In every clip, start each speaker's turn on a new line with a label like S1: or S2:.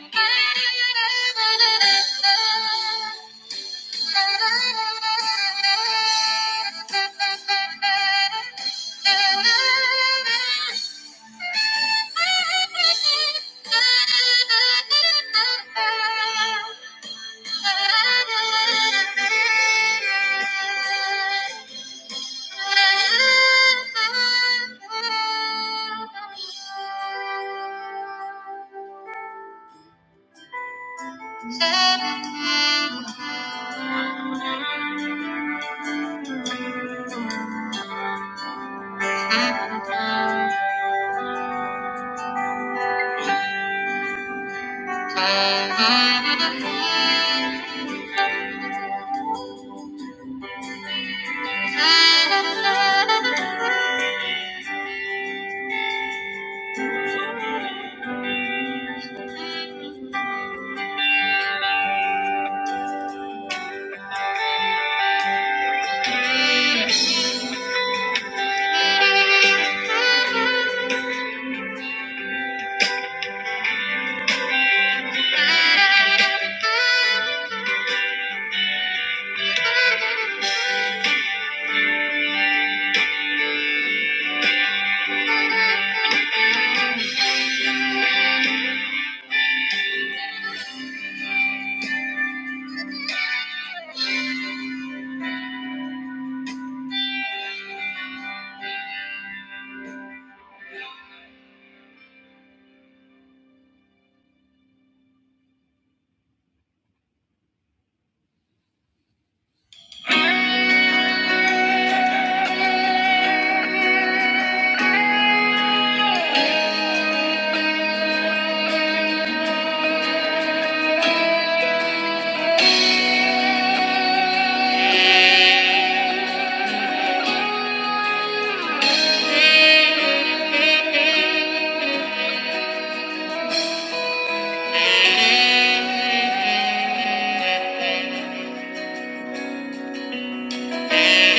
S1: Thank you. Thank you. Thank you. Thank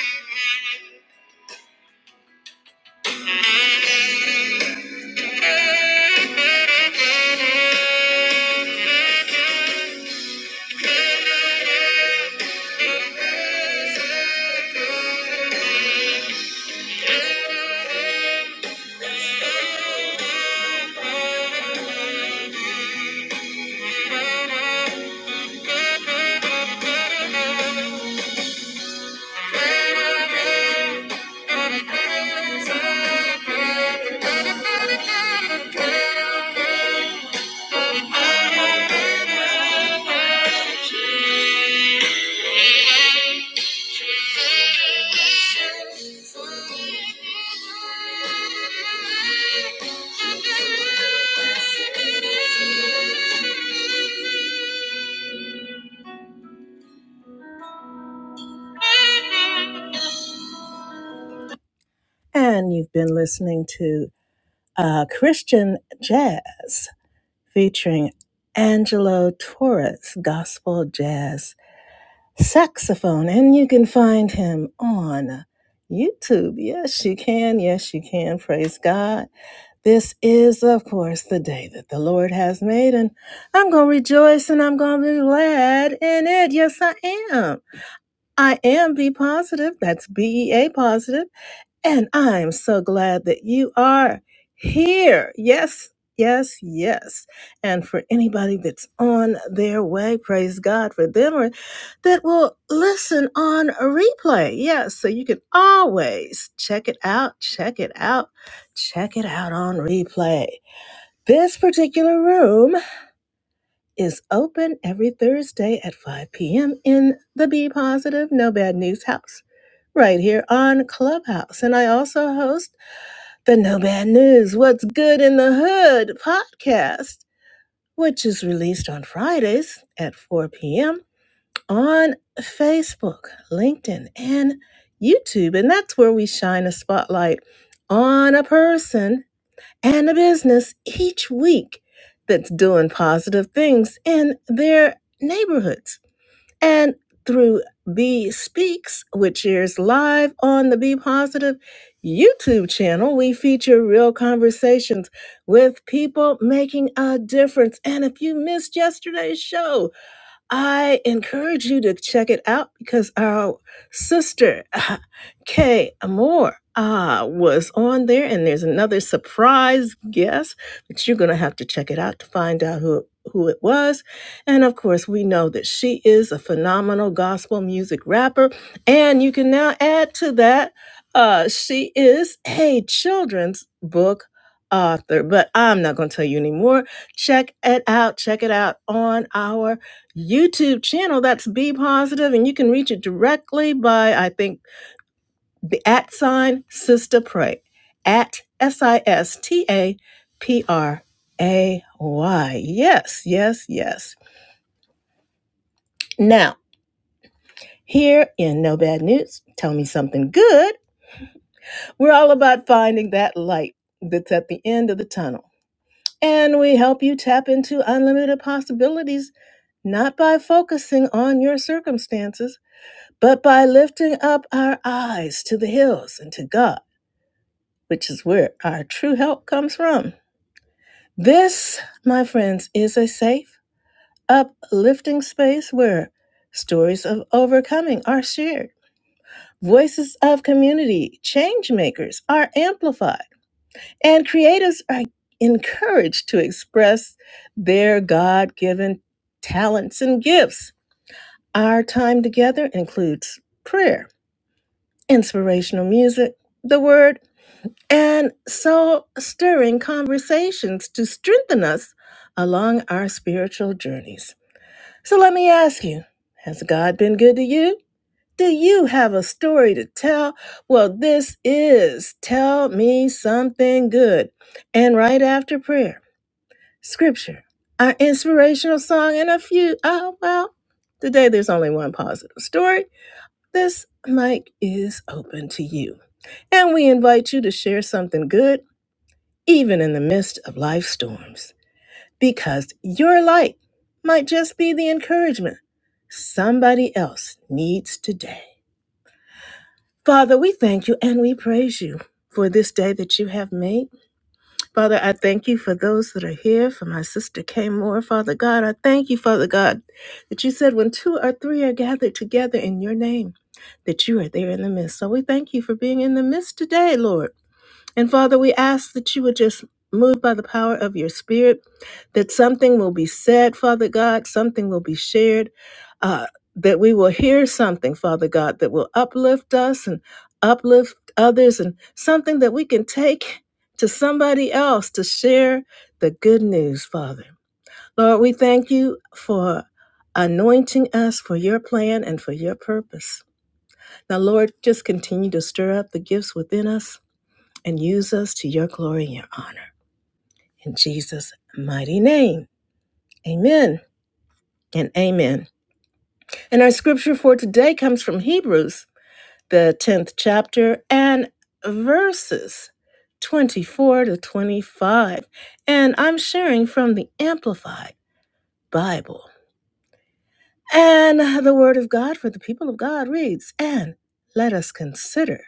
S1: Thank you. Thank you. And you've been listening to uh, Christian Jazz featuring Angelo Torres, Gospel Jazz Saxophone. And you can find him on YouTube. Yes, you can. Yes, you can. Praise God. This is, of course, the day that the Lord has made. And I'm going to rejoice and I'm going to be glad in it. Yes, I am. I am be positive. That's B E A positive. And I'm so glad that you are here. Yes, yes, yes. And for anybody that's on their way, praise God for them or that will listen on a replay. Yes, so you can always check it out, check it out, check it out on replay. This particular room is open every Thursday at 5 p.m. in the Be Positive No Bad News House right here on Clubhouse. And I also host the No Bad News What's Good in the Hood podcast, which is released on Fridays at 4 p.m. on Facebook, LinkedIn, and YouTube. And that's where we shine a spotlight on a person and a business each week that's doing positive things in their neighborhoods. And through B Speaks, which airs live on the Be Positive YouTube channel, we feature real conversations with people making a difference. And if you missed yesterday's show, I encourage you to check it out because our sister uh, Kay Moore uh, was on there, and there's another surprise guest that you're going to have to check it out to find out who who it was. And of course, we know that she is a phenomenal gospel music rapper, and you can now add to that uh, she is a children's book author. But I'm not going to tell you anymore. Check it out. Check it out on our YouTube channel. That's Be Positive, and you can reach it directly by I think the at sign Sister Pray at S I S T A P R A Y. Yes, yes, yes. Now here in No Bad News, tell me something good. We're all about finding that light that's at the end of the tunnel. And we help you tap into unlimited possibilities, not by focusing on your circumstances but by lifting up our eyes to the hills and to God, which is where our true help comes from. This, my friends, is a safe, uplifting space where stories of overcoming are shared, voices of community, change makers are amplified, and creatives are encouraged to express their God given talents and gifts. Our time together includes prayer, inspirational music, the word, and so stirring conversations to strengthen us along our spiritual journeys. So let me ask you Has God been good to you? Do you have a story to tell? Well, this is Tell Me Something Good. And right after prayer, scripture, our inspirational song, and a few, oh, well, today there's only one positive story. This mic is open to you. And we invite you to share something good even in the midst of life storms, because your light might just be the encouragement somebody else needs today. Father, we thank you and we praise you for this day that you have made. Father, I thank you for those that are here, for my sister Kay Moore. Father God, I thank you, Father God, that you said when two or three are gathered together in your name, that you are there in the midst. So we thank you for being in the midst today, Lord. And Father, we ask that you would just move by the power of your Spirit, that something will be said, Father God, something will be shared, uh, that we will hear something, Father God, that will uplift us and uplift others, and something that we can take to somebody else to share the good news, Father. Lord, we thank you for anointing us for your plan and for your purpose. Now, Lord, just continue to stir up the gifts within us and use us to your glory and your honor. In Jesus' mighty name, amen and amen. And our scripture for today comes from Hebrews, the 10th chapter, and verses 24 to 25. And I'm sharing from the Amplified Bible. And the word of God for the people of God reads, and let us consider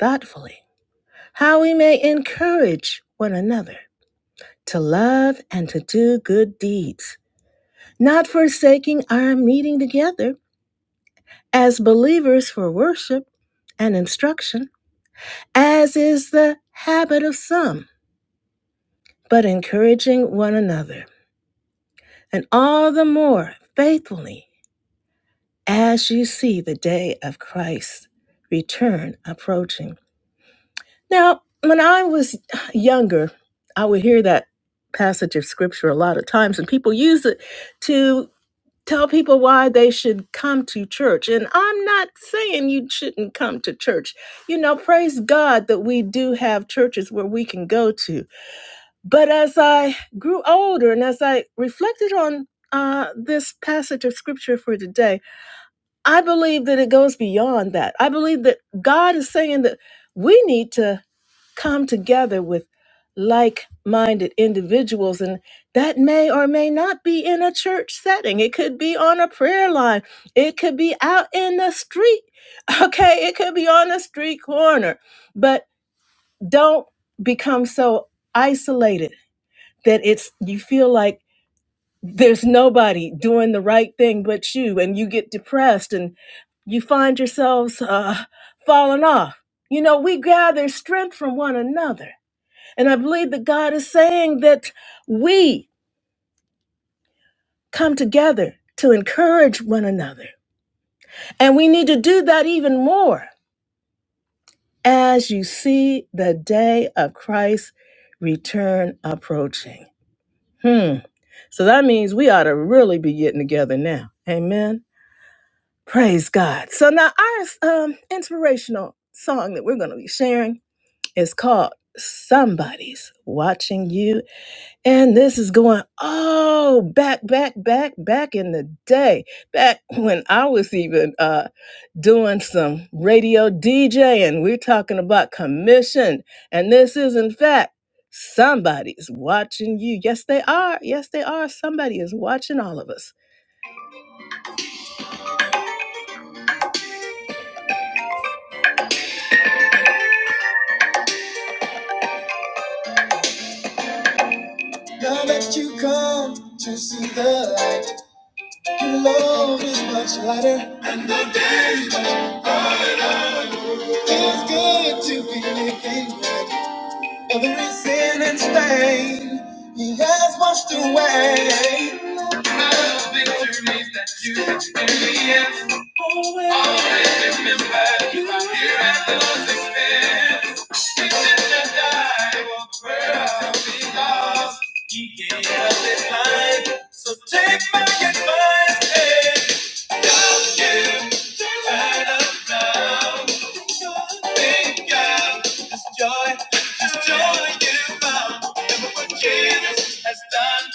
S1: thoughtfully how we may encourage one another to love and to do good deeds, not forsaking our meeting together as believers for worship and instruction, as is the habit of some, but encouraging one another, and all the more faithfully as you see the day of Christ's return approaching. Now, when I was younger, I would hear that passage of scripture a lot of times, and people use it to tell people why they should come to church. And I'm not saying you shouldn't come to church. You know, praise God that we do have churches where we can go to. But as I grew older and as I reflected on uh, this passage of scripture for today, I believe that it goes beyond that. I believe that God is saying that we need to come together with like minded individuals. And that may or may not be in a church setting. It could be on a prayer line, it could be out in the street. Okay, it could be on a street corner. But don't become so isolated that it's you feel like there's nobody doing the right thing but you and you get depressed and you find yourselves uh, falling off you know we gather strength from one another and I believe that God is saying that we come together to encourage one another. And we need to do that even more as you see the day of Christ's return approaching. Hmm. So that means we ought to really be getting together now. Amen. Praise God. So now our um, inspirational song that we're going to be sharing is called Somebody's Watching You And this is going, oh, back, back, back, back in the day, back when I was even uh, doing some radio DJ, and we're talking about commission. And this is, in fact, somebody's watching you. Yes, they are. Yes, they are. Somebody is watching all of us. Now that you come to see the light, your load is much lighter, and the day is good to be living. right. Of Every sin and stain He has washed away. Because He gave us His life. Take my advice and no matter what thing, God, this joy, this joy you found. Remember what Jesus has done,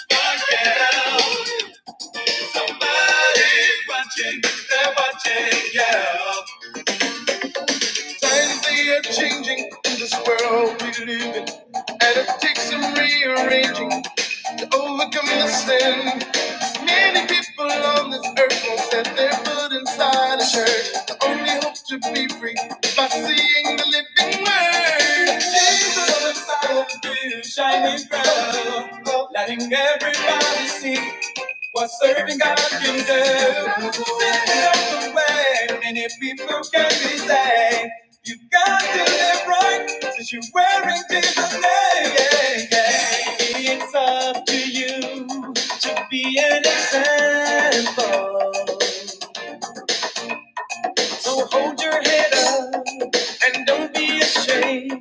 S1: but He's watching, they're watching, yeah. Times they are changing in this world we live in. And it takes some rearranging to overcome the sin. People on this earth, they're put inside a church. Be free. Jesus inside a big shining pearl, letting everybody see what serving God can do. Sending up the way, many people can be saved. You've got to live right since you're wearing Jesus' name. Yeah, yeah. It's up to you to be an example. So hold your head up and don't be ashamed.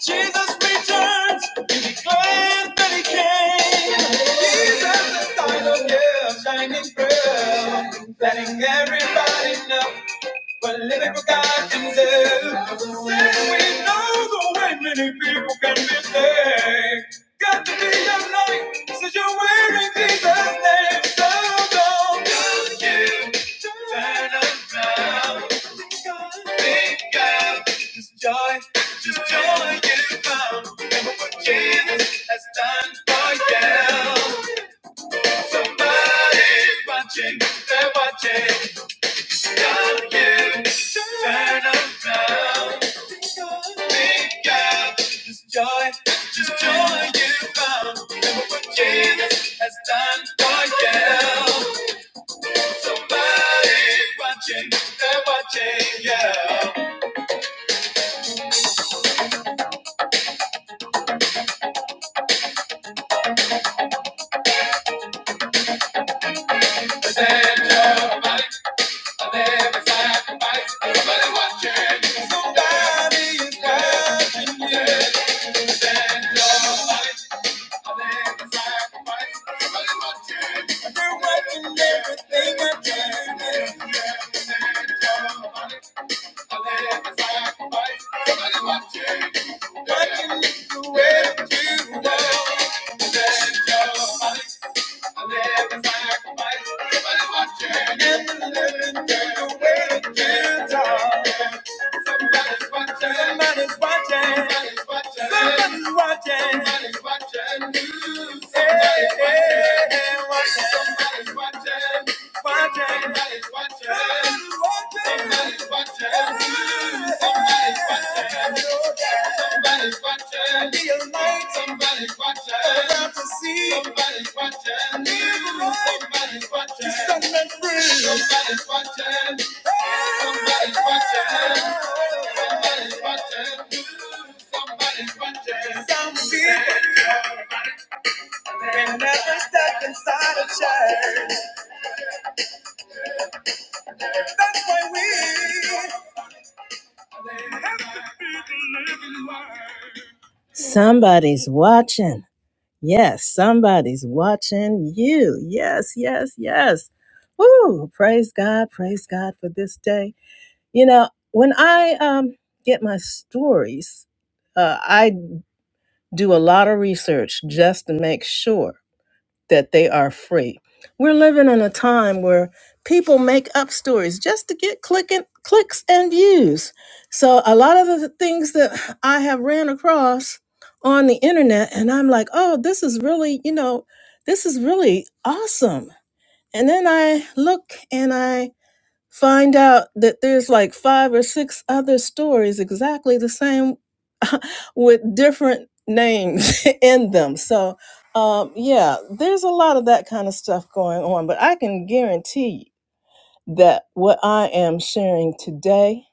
S1: Jesus returns, you'll be glad that he came. Jesus is sign of your shining pearl, letting everybody know what living for God can do. Said we know the way many people can be saved. Got to be your light, since you're wearing Jesus' name. So don't you turn around. Big guy, just joy, just joy getting found. Remember what Jesus has done for you. Somebody's watching, they're watching. Don't you turn around. Big guy, just joy, just joy getting found. Jesus has done for you. Somebody's watching, they're watching. Yeah. Somebody is watching the way you. They're watching everything I do. Watching me do what I do. Somebody's watching. Somebody's watching. Somebody's watching you. Hey, hey, hey, watching. Somebody's watching. Watching. Somebody's watching. Somebody's watching you. Somebody's watching. Somebody's watching. Be a light. Somebody's watching. About to see. I never ride. Somebody's watching. Set me free. Somebody's watching. Somebody's watching. Some people can never step inside a church. That's why we. Somebody's watching. Yes, somebody's watching you. Yes, yes, yes. Woo! Praise God, praise God for this day. You know, when I um, get my stories, uh, I. do a lot of research just to make sure that they are free. We're living in a time where people make up stories just to get clicking clicks and views. So a lot of the things that I have ran across on the internet and I'm like, "Oh, this is really, you know, this is really awesome." And then I look and I find out that there's like five or six other stories exactly the same with different names in them. So, um, yeah, there's a lot of that kind of stuff going on, but I can guarantee you that what I am sharing today,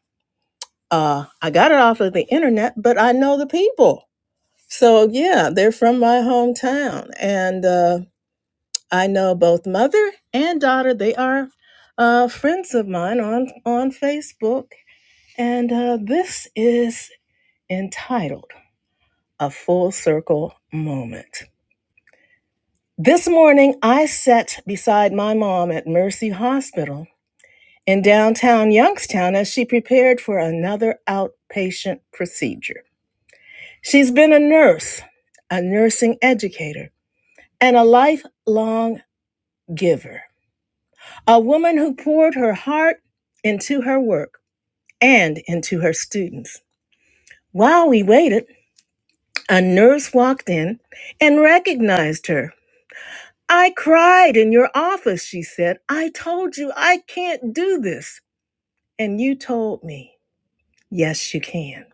S1: uh, I got it off of the internet, but I know the people. So, yeah, they're from my hometown. And uh, I know both mother and daughter. They are uh, friends of mine on, on Facebook and uh, this is entitled A Full Circle Moment. This morning, I sat beside my mom at Mercy Hospital in downtown Youngstown as she prepared for another outpatient procedure. She's been a nurse, a nursing educator, and a lifelong giver, a woman who poured her heart into her work and into her students. While we waited, A nurse walked in and recognized her. I cried in your office, she said. I told you I can't do this. And you told me, yes, you can.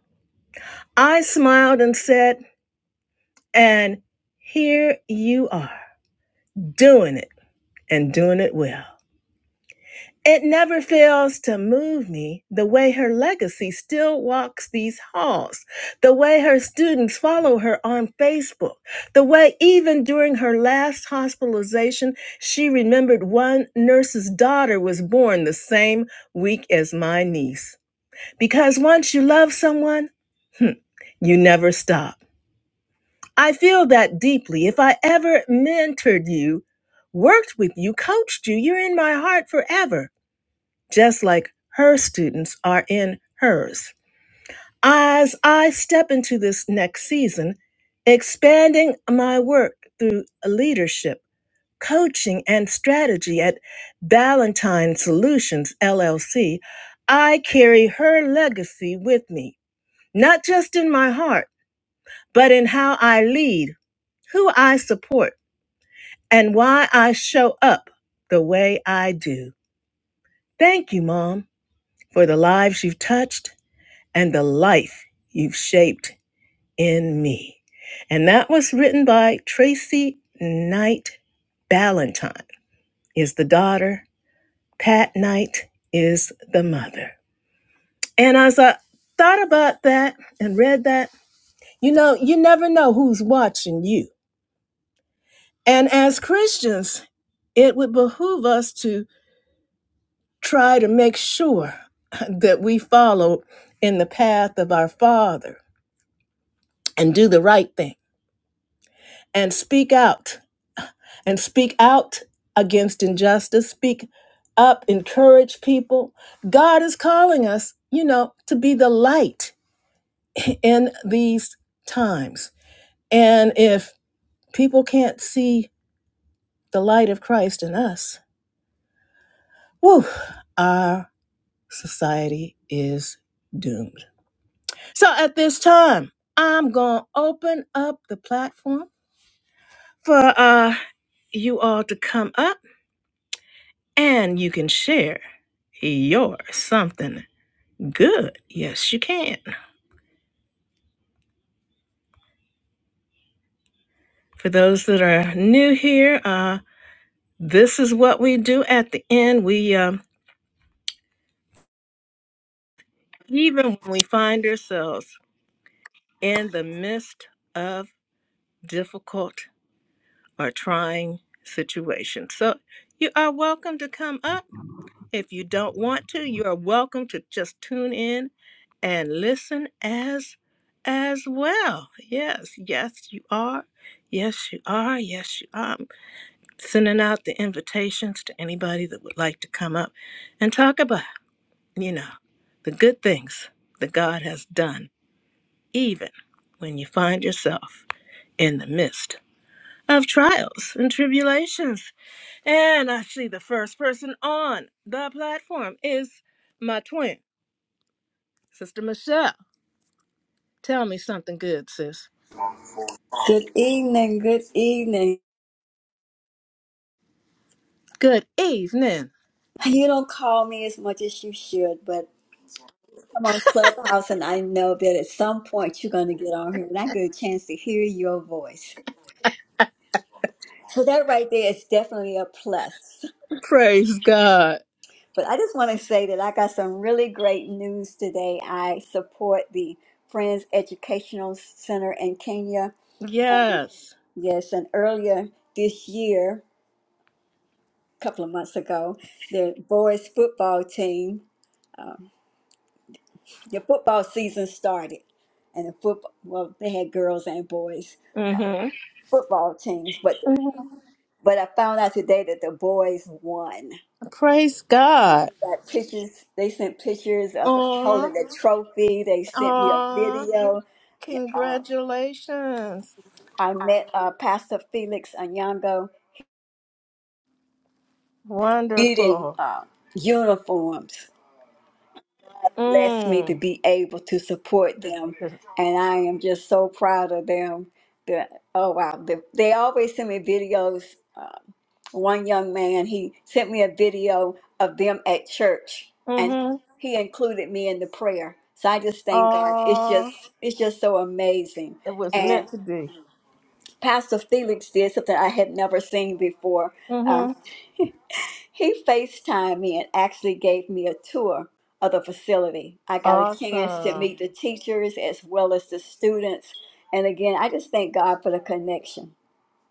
S1: I smiled and said, and here you are, doing it and doing it well. It never fails to move me the way her legacy still walks these halls, the way her students follow her on Facebook, the way even during her last hospitalization, she remembered one nurse's daughter was born the same week as my niece. Because once you love someone, hmm, you never stop. I feel that deeply. If I ever mentored you, worked with you, coached you, you're in my heart forever just like her students are in hers. As I step into this next season, expanding my work through leadership, coaching, and strategy at Ballantine Solutions LLC, I carry her legacy with me, not just in my heart, but in how I lead, who I support, and why I show up the way I do. Thank you, Mom, for the lives you've touched and the life you've shaped in me. And that was written by Tracy Knight Ballantyne is the daughter, Pat Knight is the mother. And as I thought about that and read that, you know, you never know who's watching you. And as Christians, it would behoove us to try to make sure that we follow in the path of our Father and do the right thing and speak out and speak out against injustice, speak up, encourage people. God is calling us, you know, to be the light in these times. And if people can't see the light of Christ in us, whew, our society is doomed. So at this time, I'm going to open up the platform for uh, you all to come up and you can share your something Good. Yes, you can. For those that are new here, uh, this is what we do at the end. We, um, even when we find ourselves in the midst of difficult or trying situations. So you are welcome to come up. If you don't want to, you are welcome to just tune in and listen as as well. Yes, yes, you are. Yes, you are. Yes, you are. sending out the invitations to anybody that would like to come up and talk about, you know, the good things that God has done, even when you find yourself in the midst of trials and tribulations. And I see the first person on the platform is my twin, Sister Michelle. Tell me something good, sis.
S2: Good evening, good evening.
S1: Good evening.
S2: You don't call me as much as you should, but I'm on Clubhouse and I know that at some point you're going to get on here and I get a chance to hear your voice. So that right there is definitely a plus.
S1: Praise God.
S2: But I just want to say that I got some really great news today. I support the Friends Educational Center in Kenya.
S1: Yes.
S2: Yes, and earlier this year, a couple of months ago, their boys football team. the football season started, and the football well they had girls and boys
S1: Mm-hmm.
S2: football teams, but but I found out today that the boys won.
S1: Praise God.
S2: Got pictures. They sent pictures of the
S1: Aw.
S2: holding the trophy. They sent me a
S1: Aw,
S2: video. Um,
S1: congratulations.
S2: I met uh, Pastor Felix Anyango getting
S1: Wonderful.
S2: uh, uniforms. Blessed me to
S1: Mm.
S2: be able to support them, and I am just so proud of them. The, oh wow, the, they always send me videos uh, one young man he sent me a video of them at church and
S1: Mm-hmm.
S2: he included me in the prayer so i just thank god it's just
S1: Aw,
S2: it's just so amazing
S1: it was
S2: and
S1: meant to be.
S2: pastor felix did something i had never seen before
S1: Mm-hmm.
S2: um, he facetimed me and actually gave me a tour of the facility i got a chance to
S1: Awesome.
S2: meet the teachers as well as the students and again i just thank god for the connection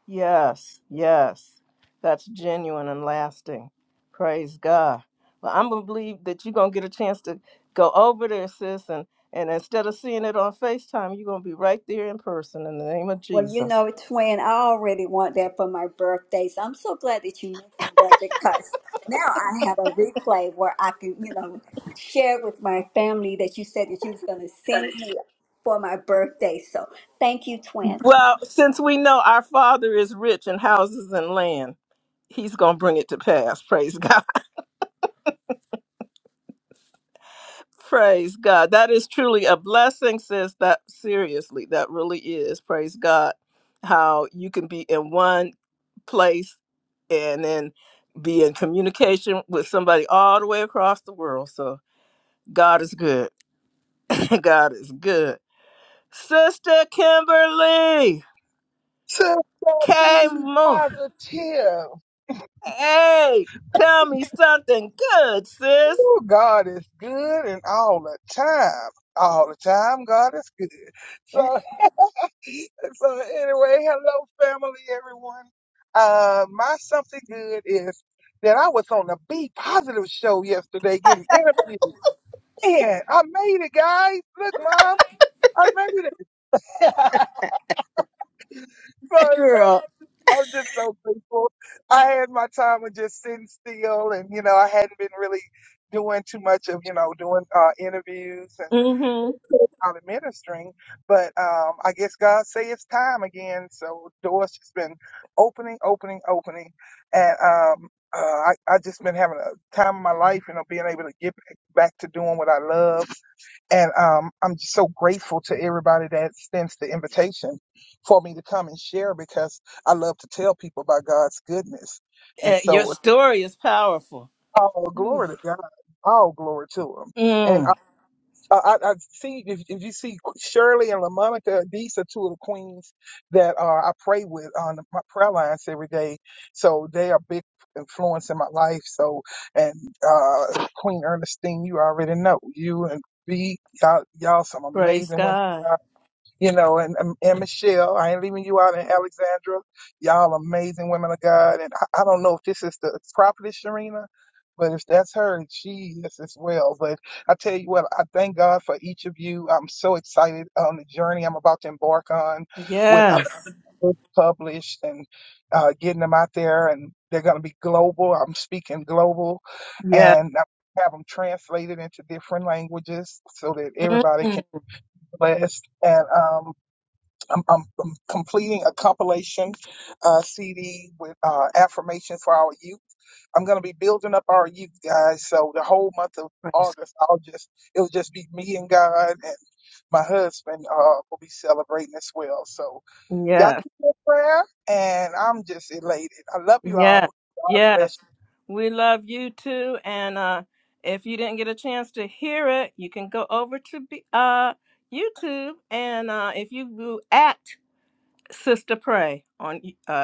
S1: Yes, yes. That's genuine and lasting. Praise God. Well, I'm going to believe that you're going to get a chance to go over there, sis, and, and instead of seeing it on FaceTime, you're going to be right there in person in the name of
S2: Well, you
S1: Jesus.
S2: know, twin, I already want that for my birthday. So I'm so glad that you mentioned that because now I have a replay where I can, you know, share with my family that you said that you was going to send me for my birthday. So thank you, twin.
S1: Well, since we know our Father is rich in houses and lands. he's going to bring it to pass. Praise God. Praise God. That is truly a blessing, sis. That seriously, that really is. Praise God. How you can be in one place and then be in communication with somebody all the way across the world. So God is good. God is good. Sister Kimberly
S3: Sister,
S1: came
S3: be
S1: more.
S3: positive.
S1: Hey, tell me something good, sis.
S3: Oh, God is good and all the time. All the time, God is good. So, so anyway, hello, family, everyone. Uh, my something good is that I was on the Be Positive show yesterday getting interviewed. And I made it, guys. Look, Mom, I made it. so,
S1: Girl.
S3: I'm just so grateful. I had my time of just sitting still, and you know, I hadn't been really doing too much of you know doing uh, interviews and
S1: Mhm.
S3: out of ministering. But um, I guess God say it's time again, so doors just been opening, opening, opening, and um, uh, I I just been having a time of my life, you know, being able to get back to doing what I love and um, I'm just so grateful to everybody that extends the invitation for me to come and share because I love to tell people about God's goodness. And
S1: Uh, Your
S3: so,
S1: story is powerful.
S3: all glory to God, all glory to Him. and.
S1: Mm,
S3: I, I I see if, if you see Shirley and LaMonica, these are two of the queens that uh, I pray with on my prayer lines every day. So they are big influence in my life. So and uh, Queen Ernestine, you already know you and B, y'all, y'all some
S1: praise
S3: amazing women
S1: God.
S3: you know, and, and and Michelle, I ain't leaving you out, and Alexandra, y'all amazing women of God. And I, I don't know if this is the prophetess Sharina, but if that's her, she is as well. But I tell you what, I thank God for each of you. I'm so excited on the journey I'm about to embark on with uh,
S1: Yes.
S3: books published and uh, getting them out there, and they're going to be global. I'm speaking global,
S1: Yes.
S3: and I have them translated into different languages so that everybody
S1: Mm.
S3: can be blessed. And um, I'm, I'm, I'm completing a compilation uh, CD with uh, affirmations for our youth. I'm going to be building up our youth, guys. So the whole month of
S1: Praise
S3: August, I'll just it'll just be me and God, and my husband uh, will be celebrating as well. So
S1: God.
S3: y'all
S1: Yes.
S3: keep your prayer, and I'm just elated. I love you
S1: Yes.
S3: all. God bless
S1: Yes. We love you too. And uh, if you didn't get a chance to hear it, you can go over to be, uh, YouTube. And uh, if you do at Sister Pray on YouTube.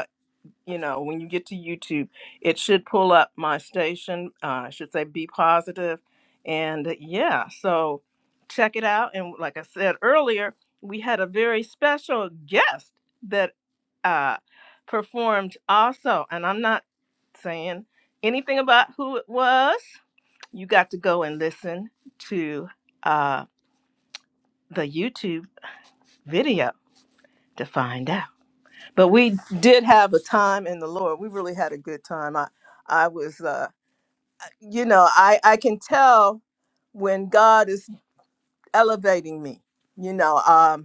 S1: you know, when you get to YouTube, it should pull up my station. Uh, I should say Be Positive. And uh, yeah, so check it out. And like I said earlier, we had a very special guest that uh, performed also. And I'm not saying anything about who it was. You got to go and listen to uh, the YouTube video to find out but we did have a time in the lord we really had a good time i i was uh you know i i can tell when god is elevating me you know um,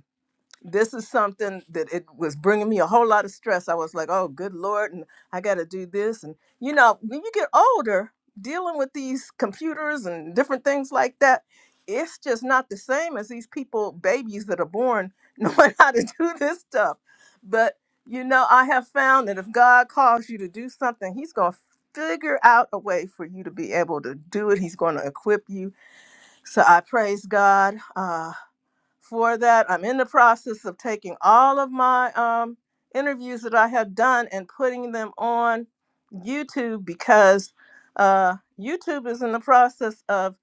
S1: this is something that it was bringing me a whole lot of stress. I was like, oh, good Lord, and I got to do this. And, you know, when you get older, dealing with these computers and different things like that, it's just not the same as these people, babies that are born, knowing how to do this stuff. But, you know, I have found that if God calls you to do something, He's going to figure out a way for you to be able to do it. He's going to equip you. So I praise God. Uh, for that. I'm in the process of taking all of my um, interviews that I have done and putting them on YouTube because uh, YouTube is in the process of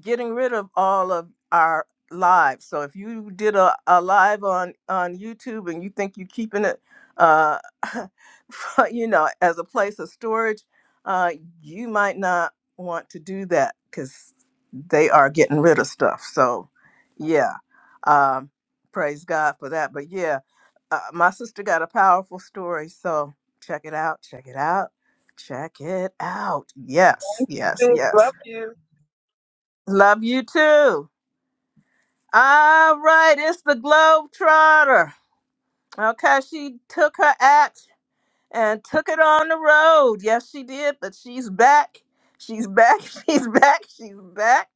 S1: getting rid of all of our lives. So if you did a, a live on, on YouTube and you think you're keeping it, uh, you know, as a place of storage, uh, you might not want to do that because they are getting rid of stuff. So, yeah um, praise God for that. But yeah, uh, my sister got a powerful story. So check it out. Check it out. Check it out. Yes, yes,
S3: you. Sis,
S1: yes.
S3: love you.
S1: Love you too. All right, it's the Globetrotter. Okay, she took her act and took it on the road. Yes, she did, but she's back. She's back. She's back. She's back.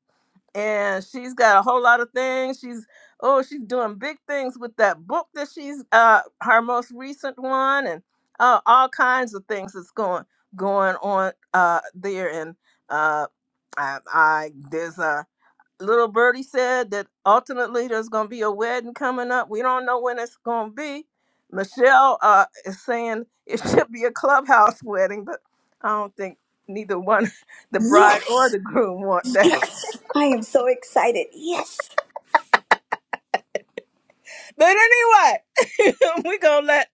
S1: and she's got a whole lot of things. She's oh, she's doing big things with that book that she's uh her most recent one, and uh, all kinds of things that's going going on uh there. And uh, I, I there's a little birdie said that ultimately there's gonna be a wedding coming up. We don't know when it's gonna be. Michelle uh is saying it should be a clubhouse wedding, but I don't think neither one, the bride
S2: Yes,
S1: or the groom, want that.
S2: yes. I am so excited. Yes.
S1: But anyway, we're going to let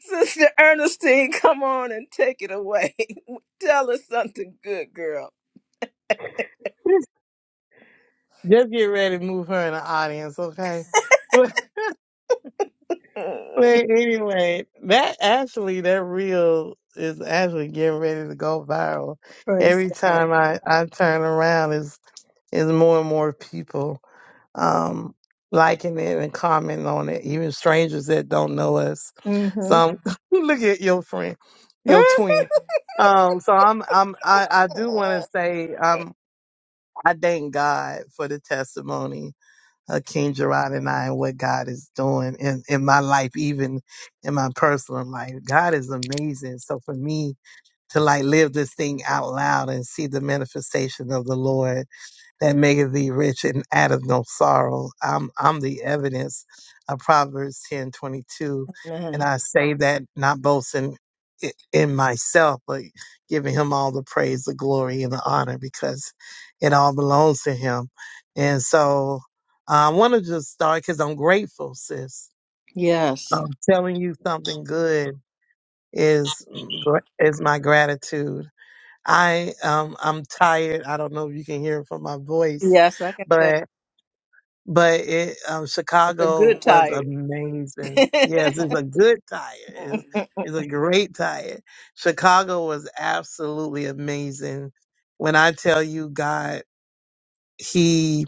S1: Sister Ernestine come on and take it away. Tell us something good, girl.
S4: Just get ready to move her in the audience, okay? But, but
S1: Mm.
S4: anyway, that actually, that reel is actually getting ready to go viral.
S1: Praise
S4: Every
S1: God.
S4: time I, I turn around, is is more and more people um, liking it and commenting on it, even strangers that don't know us. So
S1: Mm-hmm.
S4: I'm, look at your friend, your twin. Um, so I'm, I'm, I, I do want to say, um, I thank God for the testimony Hakeem Gerard and I and what God is doing in, in my life, even in my personal life. God is amazing. So for me to like live this thing out loud and see the manifestation of the Lord that maketh thee rich and addeth no sorrow. I'm I'm the evidence of Proverbs ten twenty two, and
S1: Man.
S4: I say that not boasting i- in myself, but giving him all the praise, the glory, and the honor because it all belongs to him. And so uh, I want to just start because I'm grateful, sis.
S1: Yes.
S4: I'm telling you something good is gra- is my gratitude. I um I'm tired. I don't know if you can hear it from my voice,
S1: Yes, I can tell.
S4: but but it, um,
S1: It's a
S4: Chicago
S1: good
S4: was
S1: tired.
S4: amazing. Yes, it's a good tire. It's, it's a great tire. Chicago was absolutely amazing. When I tell you God, he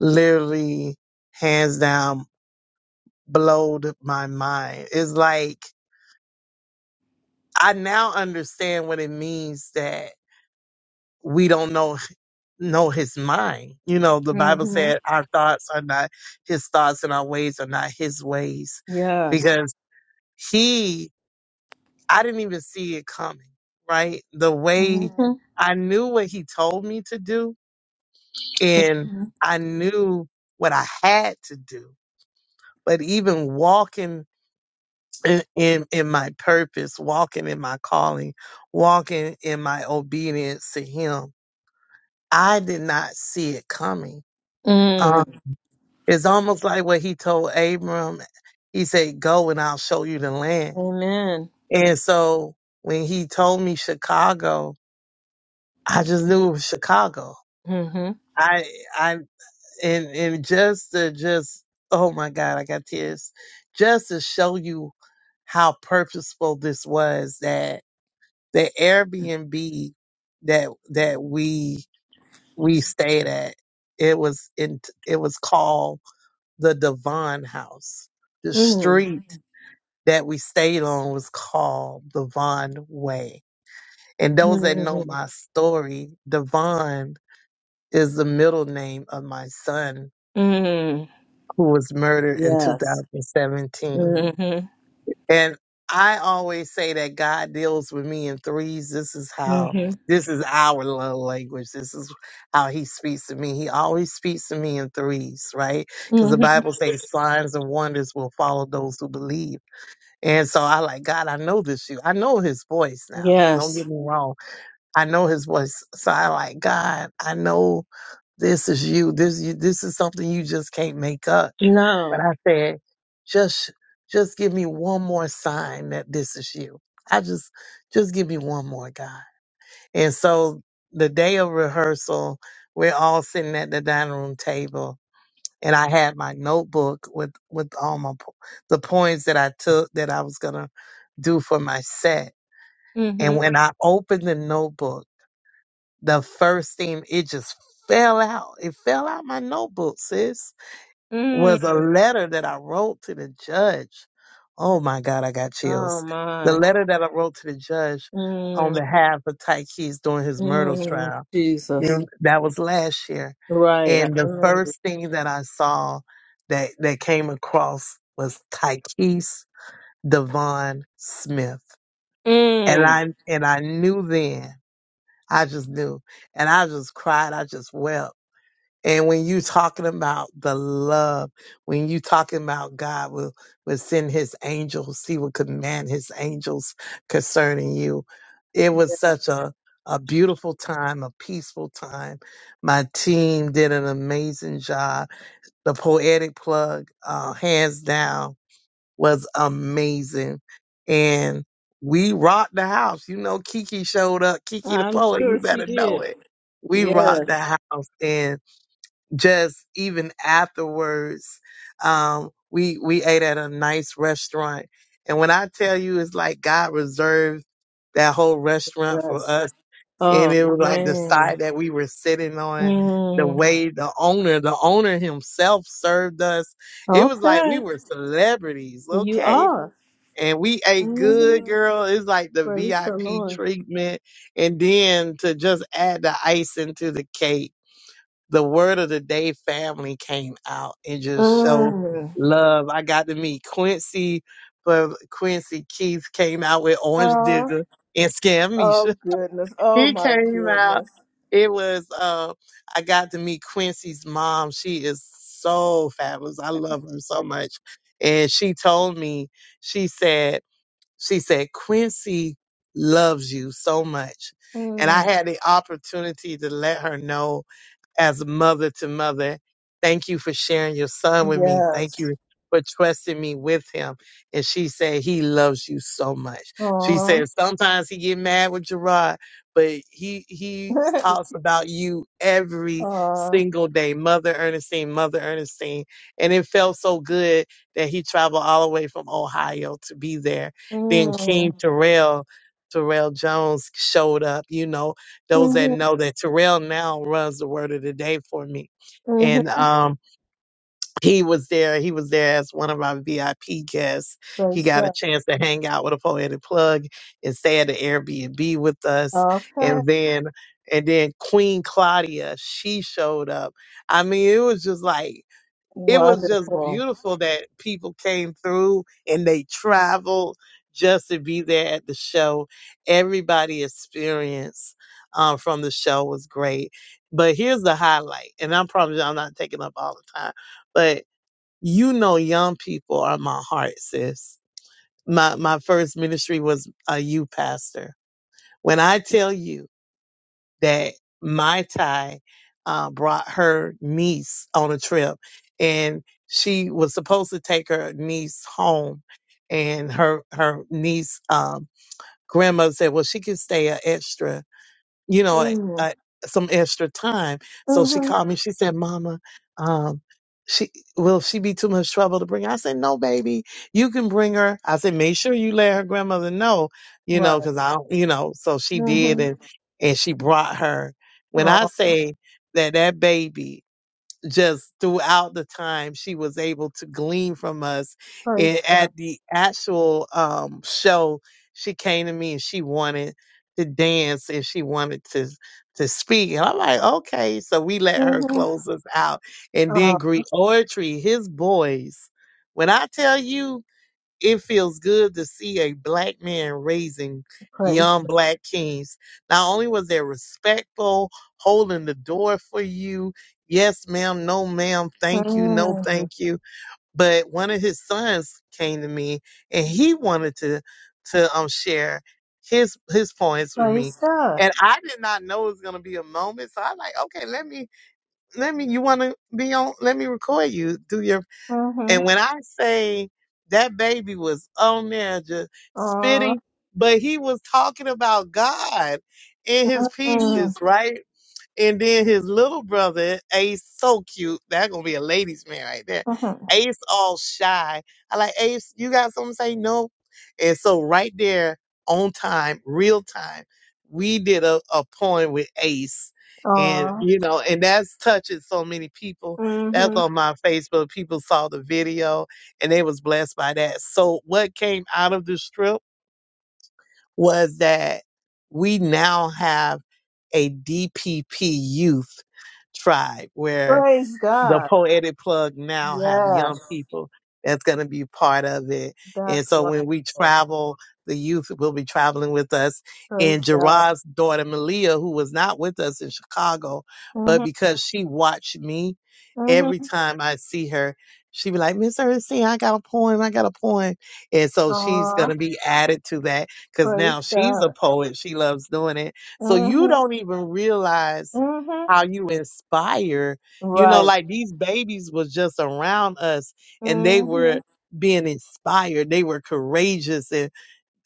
S4: literally hands down blowed my mind. It's like I now understand what it means that we don't know know his mind. You know, the Bible
S1: hmm
S4: said our thoughts are not his thoughts and our ways are not his ways
S1: Yes.
S4: He, I didn't even see it coming, right? The way I knew what he told me to do and I knew what I had to do. But even walking in, in, in my purpose, walking in my calling, walking in my obedience to him, I did not see it coming. Uh,
S1: Mm.
S4: it's almost like what he told Abram. He said, Go and I'll show you the land.
S1: Amen.
S4: And so when he told me Chicago, I just knew it was Chicago.
S1: Mm-hmm.
S4: I I and and just to just oh my God, I got tears. Just to show you how purposeful this was that the Airbnb that that we we stayed at it was in it was called the Devon House. The
S1: Mm.
S4: street that we stayed on was called Devon Way. And those that know
S1: Mm.
S4: my story, Devon is the middle name of my son
S1: Mm.
S4: who was murdered in
S1: Yes.
S4: 2017.
S1: Mm-hmm.
S4: And I always say that God deals with me in threes. This is how,
S1: Mm-hmm.
S4: this is our love language. This is how he speaks to me. He always speaks to me in threes, right? Because the
S1: Mm-hmm.
S4: Bible says signs and wonders will follow those who believe. And so I like, God, I know this you. I know his voice now. Don't
S1: Yes.
S4: get me wrong. I know his voice. So I like, God, I know this is you. This you this is something you just can't make up.
S1: No.
S4: But I said, just just give me one more sign that this is you. I just just give me one more God. And so the day of rehearsal, we're all sitting at the dining room table and I had my notebook with with all my po- the points that I took that I was going to do for my set. And
S1: Mm-hmm.
S4: when I opened the notebook the first thing it just fell out. It fell out my notebook, sis. Was a
S1: Mm.
S4: letter that I wrote to the judge. Oh my God, I got
S1: Oh
S4: chills. The
S1: my.
S4: letter that I wrote to the judge on
S1: Mm.
S4: behalf of Ty Keys during his murder
S1: Mm.
S4: trial. You
S1: Jesus.
S4: know, that was last year.
S1: Right, I
S4: And the
S1: remember.
S4: first thing that I saw that, that came across was Tyquise Devon Smith. And
S1: Mm.
S4: I and I knew then I just knew. And I just cried. I just wept. And when you talking about the love, when you talking about God will, will send his angels, he will command his angels concerning you. It was such a, a beautiful time, a peaceful time. My team did an amazing job. The poetic plug, uh, hands down was amazing. And we rocked the house. You know, Kiki showed up. Kiki the
S1: I'm
S4: poet, you
S1: sure she
S4: better know
S1: did.
S4: it. We rocked the
S1: Yes.
S4: house. And just even afterwards, um, we, we ate at a nice restaurant. And when I tell you, it's like God reserved that whole restaurant for
S1: Yes.
S4: us. And
S1: Oh
S4: it was like the
S1: man.
S4: side that we were sitting on, the
S1: Mm.
S4: way the owner, the owner himself served us. It was like we
S1: Okay.
S4: were celebrities.
S1: You
S4: Okay
S1: are.
S4: and we ate good,
S1: Mm-hmm.
S4: girl. It's like the
S1: Praise the
S4: VIP
S1: Lord.
S4: treatment. And then to just add the icing to the cake, the word of the day family came out and just showed
S1: Mm.
S4: love. I got to meet Quincy, but Quincy Keith came out with Orange
S1: Oh,
S4: Digger and Scam
S1: oh
S4: Misha.
S1: goodness. Oh
S4: He
S1: my
S4: came out.
S1: goodness.
S4: It was, uh, I got to meet Quincy's mom. She is so fabulous. I love her so much. And she told me, she said, she said, Quincy loves you so much. And I
S1: Mm.
S4: had the opportunity to let her know as mother to mother. Thank you for sharing your son with me. Thank
S1: Yes.
S4: you for trusting me with him. And she said, he loves you so much. She
S1: Aw.
S4: said, sometimes he get mad with Gerard, but he, he talks about you every
S1: Aw.
S4: single day. Mother Ernestine, Mother Ernestine. And it felt so good that he traveled all the way from Ohio to be there. Then
S1: Mm.
S4: King Terrell, Terrell Jones showed up, you know, those that
S1: Mm-hmm.
S4: know that Terrell now runs the word of the day for me.
S1: Mm-hmm.
S4: And um, he was there. He was there as one of our VIP guests. He
S1: Praise
S4: got a
S1: God.
S4: chance to hang out with a poetic plug and stay at the Airbnb with us.
S1: Okay.
S4: And then, and then Queen Claudia, she showed up. I mean, it was just like it was just
S1: Wonderful.
S4: beautiful that people came through and they traveled just to be there at the show. Everybody experience um, from the show was great. But here's the highlight, and I'm probably I'm not taking up all the time, but you know, young people are my heart, sis. My my first ministry was a youth pastor. When I tell you that my Ty uh, brought her niece on a trip, and she was supposed to take her niece home, and her her niece um, grandma said, "Well, she can stay an extra." you know, I,
S1: Mm.
S4: I, some extra time. So she
S1: Mm-hmm.
S4: called me. She said, "Mama, um, she will she be too much trouble to bring?" her?" I said, "No, baby, you can bring her." I said, "Make sure you let her grandmother know, you know,
S1: Right.
S4: because I, don't, you know." So she did,
S1: Mm-hmm.
S4: and and she brought her. When I
S1: Oh,
S4: say that that baby just throughout the time she was able to glean from us. And
S1: praise God.
S4: at the actual um, show, she came to me and she wanted to dance and she wanted to to speak. And I'm like, okay. So we let her
S1: Mm-hmm.
S4: close us out. And then
S1: Oh,
S4: Greek Oratory, his boys. When I tell you it feels good to see a black man raising
S1: praise
S4: young
S1: God.
S4: black kings. Not only was they respectful, holding the door for you. Yes, ma'am. No, ma'am. Thank you. No,
S1: Mm.
S4: thank you. But one of his sons came to me and he wanted to to um share his his points with me.
S1: Praise God.
S4: And I did not know it was gonna be a moment. So I was like, okay, let me let me you wanna be on let me record you, do your
S1: Mm-hmm.
S4: and when I say that baby was on there just
S1: Oh,
S4: spitting, but he was talking about God in his
S1: mm-hmm.
S4: pieces, right? And then his little brother, Ace, so cute. That gonna be a ladies' man right there.
S1: Mm-hmm.
S4: Ace all shy. I like Ace. You got something to say? No. And so right there, on time, real time, we did a, a poem with Ace, and
S1: Oh,
S4: you know, and that's touching so many people. That's
S1: mm-hmm.
S4: on my Facebook. People saw the video and they was blessed by that. So what came out of the strip? was that we now have a DPP youth tribe where
S1: Praise
S4: the
S1: God.
S4: poetic plug now have young
S1: Yes.
S4: people that's going to be part of it and
S1: That's
S4: so when we
S1: wonderful.
S4: travel the youth will be traveling with us
S1: Praise
S4: and
S1: God.
S4: gerard's daughter malia who was not with us in chicago but
S1: Mm-hmm.
S4: because she watched me every
S1: Mm-hmm.
S4: time i see her she be like miss ernestine i got a poem i got a poem and so she's going
S1: Oh,
S4: to be added to that because
S1: praise
S4: now she's a
S1: God.
S4: poet she loves doing it so you
S1: Mm-hmm.
S4: don't even realize
S1: Mm-hmm.
S4: how you inspire you know,
S1: Right.
S4: like these babies was just around us and they
S1: Mm-hmm.
S4: were being inspired. They were courageous and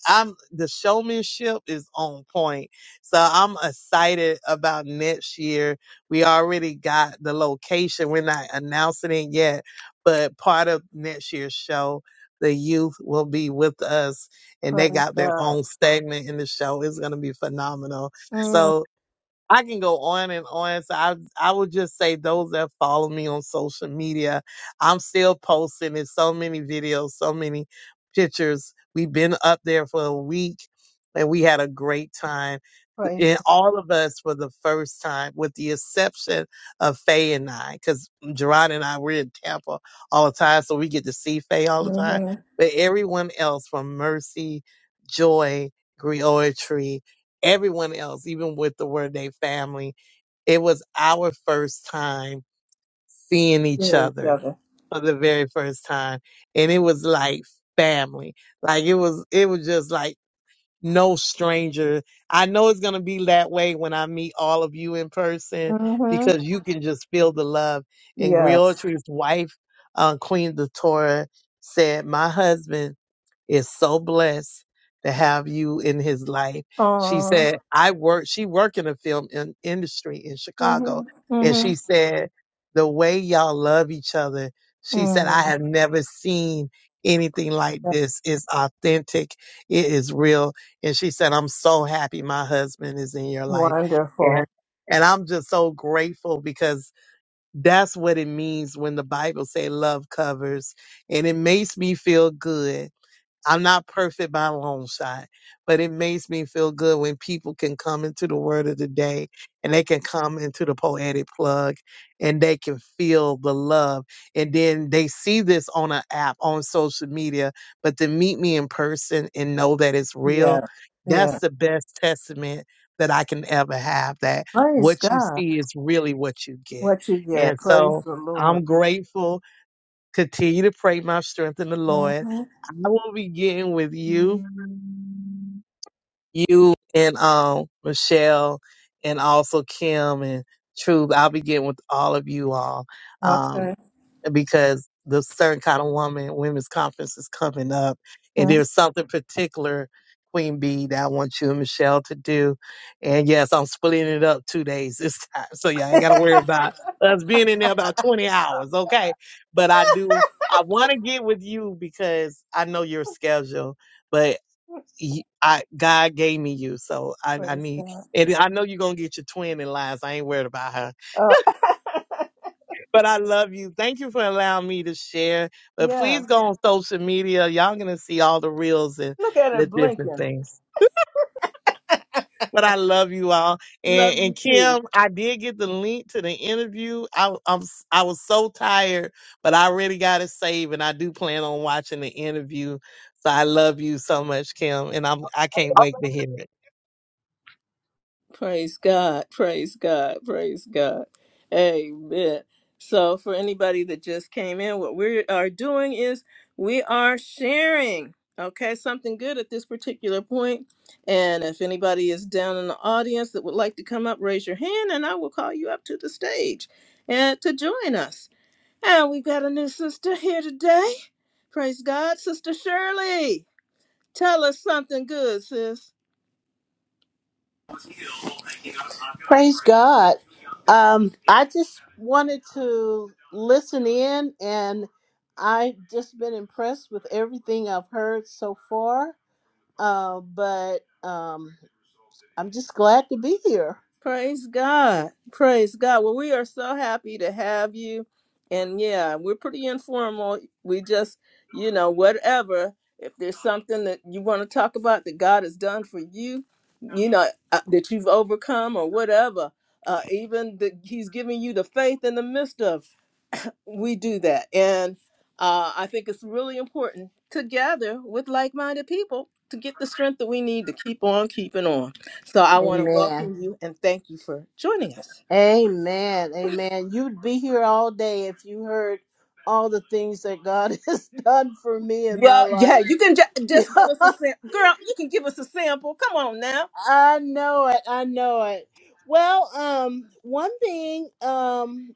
S4: I'm the showmanship is on point. So I'm excited about next year. We already got the location. We're not announcing it yet, but part of next year's show, the youth will be with us and they
S1: Praise
S4: got their
S1: God.
S4: own segment in the show. It's going to be phenomenal.
S1: Mm,
S4: So. I can go on and on. So I, I would just say those that follow me on social media, I'm still posting. There's so many videos, so many pictures. We've been up there for a week and we had a great time.
S1: praise
S4: And
S1: God.
S4: all of us for the first time, with the exception of Faye and I, because Gerard and I, we're in Tampa all the time, so we get to see Faye all the time.
S1: Mm-hmm.
S4: But everyone else from Mercy, Joy, Griotry, everyone else, even with the Word Day family, it was our first time seeing each
S1: Healing each
S4: other
S1: other.
S4: for the very first time. And it was like family. Like it was, it was just like no stranger. I know it's going to be that way when I meet all of you in person
S1: Mm-hmm.
S4: because you can just feel the love. And
S1: Yes.
S4: Griotry's wife, uh, Queen Datora, said, My husband is so blessed to have you in his life. She
S1: Oh.
S4: said, I work, she worked in the film in, industry in Chicago.
S1: Mm-hmm.
S4: And
S1: Mm-hmm.
S4: she said, the way y'all love each other, she said, I
S1: Mm,
S4: have never seen anything like
S1: that's
S4: this. It's authentic. It is real. And she said, I'm so happy my husband is in your life.
S1: wonderful.
S4: And, and I'm just so grateful because that's what it means when the Bible say love covers and it makes me feel good I'm not perfect by a long shot, but it makes me feel good when people can come into the word of the day and they can come into the poetic plug and they can feel the love. And then they see this on an app, on social media, but to meet me in person and know that it's real,
S1: Yeah. Yeah.
S4: that's the best testament that I can ever have that
S1: Praise
S4: what you
S1: God.
S4: see is really what you get.
S1: What you get.
S4: And
S1: Praise
S4: so
S1: the Lord.
S4: I'm grateful Continue to pray my strength in the Lord.
S1: Mm-hmm.
S4: I will begin with you, you and um Michelle and also Kim and Truth. I'll begin with all of you all. Um,
S1: Okay.
S4: because the certain kind of woman women's conference is coming up and
S1: Mhm.
S4: there's something particular queen bee that i want you and michelle to do and yes i'm splitting it up two days this time so y'all ain't gotta worry about us being in there about 20 hours okay but i do i want to get with you because i know your schedule but y- I God gave me you, so I, I
S1: Praise
S4: need,
S1: God.
S4: and I know you're gonna get your twin in line. So I ain't worried about her
S1: Oh,
S4: but I love you. Thank you for allowing me to share. But
S1: yes.
S4: please go on social media. Y'all gonna see all the reels and,
S1: Look at
S4: and
S1: her
S4: the different
S1: blinking.
S4: things. But I love you all. And,
S1: Love you
S4: and
S1: too.
S4: Kim, I did get the link to the interview. I, I'm s- I was so tired, but I already got it saved, and I do plan on watching the interview. So I love you so much, Kim, and I'm I can't wait to hear it.
S1: Praise God. Praise God. Praise God. Amen. So, for anybody that just came in, what we are doing is we are sharing, okay, something good at this particular point. And if anybody is down in the audience that would like to come up, raise your hand and I will call you up to the stage and to join us. And we've got a new sister here today. Praise God. Sister Shirley, tell us something good, sis.
S5: Praise God. Um, I just wanted to listen in, and I've just been impressed with everything I've heard so far. Uh, but um, I'm just glad to be here.
S1: Praise God. Praise God. Well, we are so happy to have you. And yeah, we're pretty informal. We just, you know, whatever. If there's something that you want to talk about that God has done for you, you know, uh, that you've overcome or whatever, uh, even that He's giving you the faith in the midst of, we do that and uh, i think it's really important together with like-minded people to get the strength that we need to keep on keeping on so i want to
S5: Amen.
S1: welcome you and thank you for joining us
S5: Amen. Amen. You'd be here all day if you heard all the things that God has done for me in my
S1: well yeah
S5: life.
S1: you can ju- just give us a sample girl you can give us a sample come on now
S5: I know it. I know it. Well, um, one thing, um,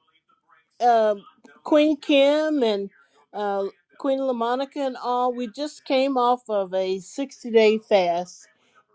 S5: uh, Queen Kim and uh, Queen LaMonica and all, we just came off of a 60 day fast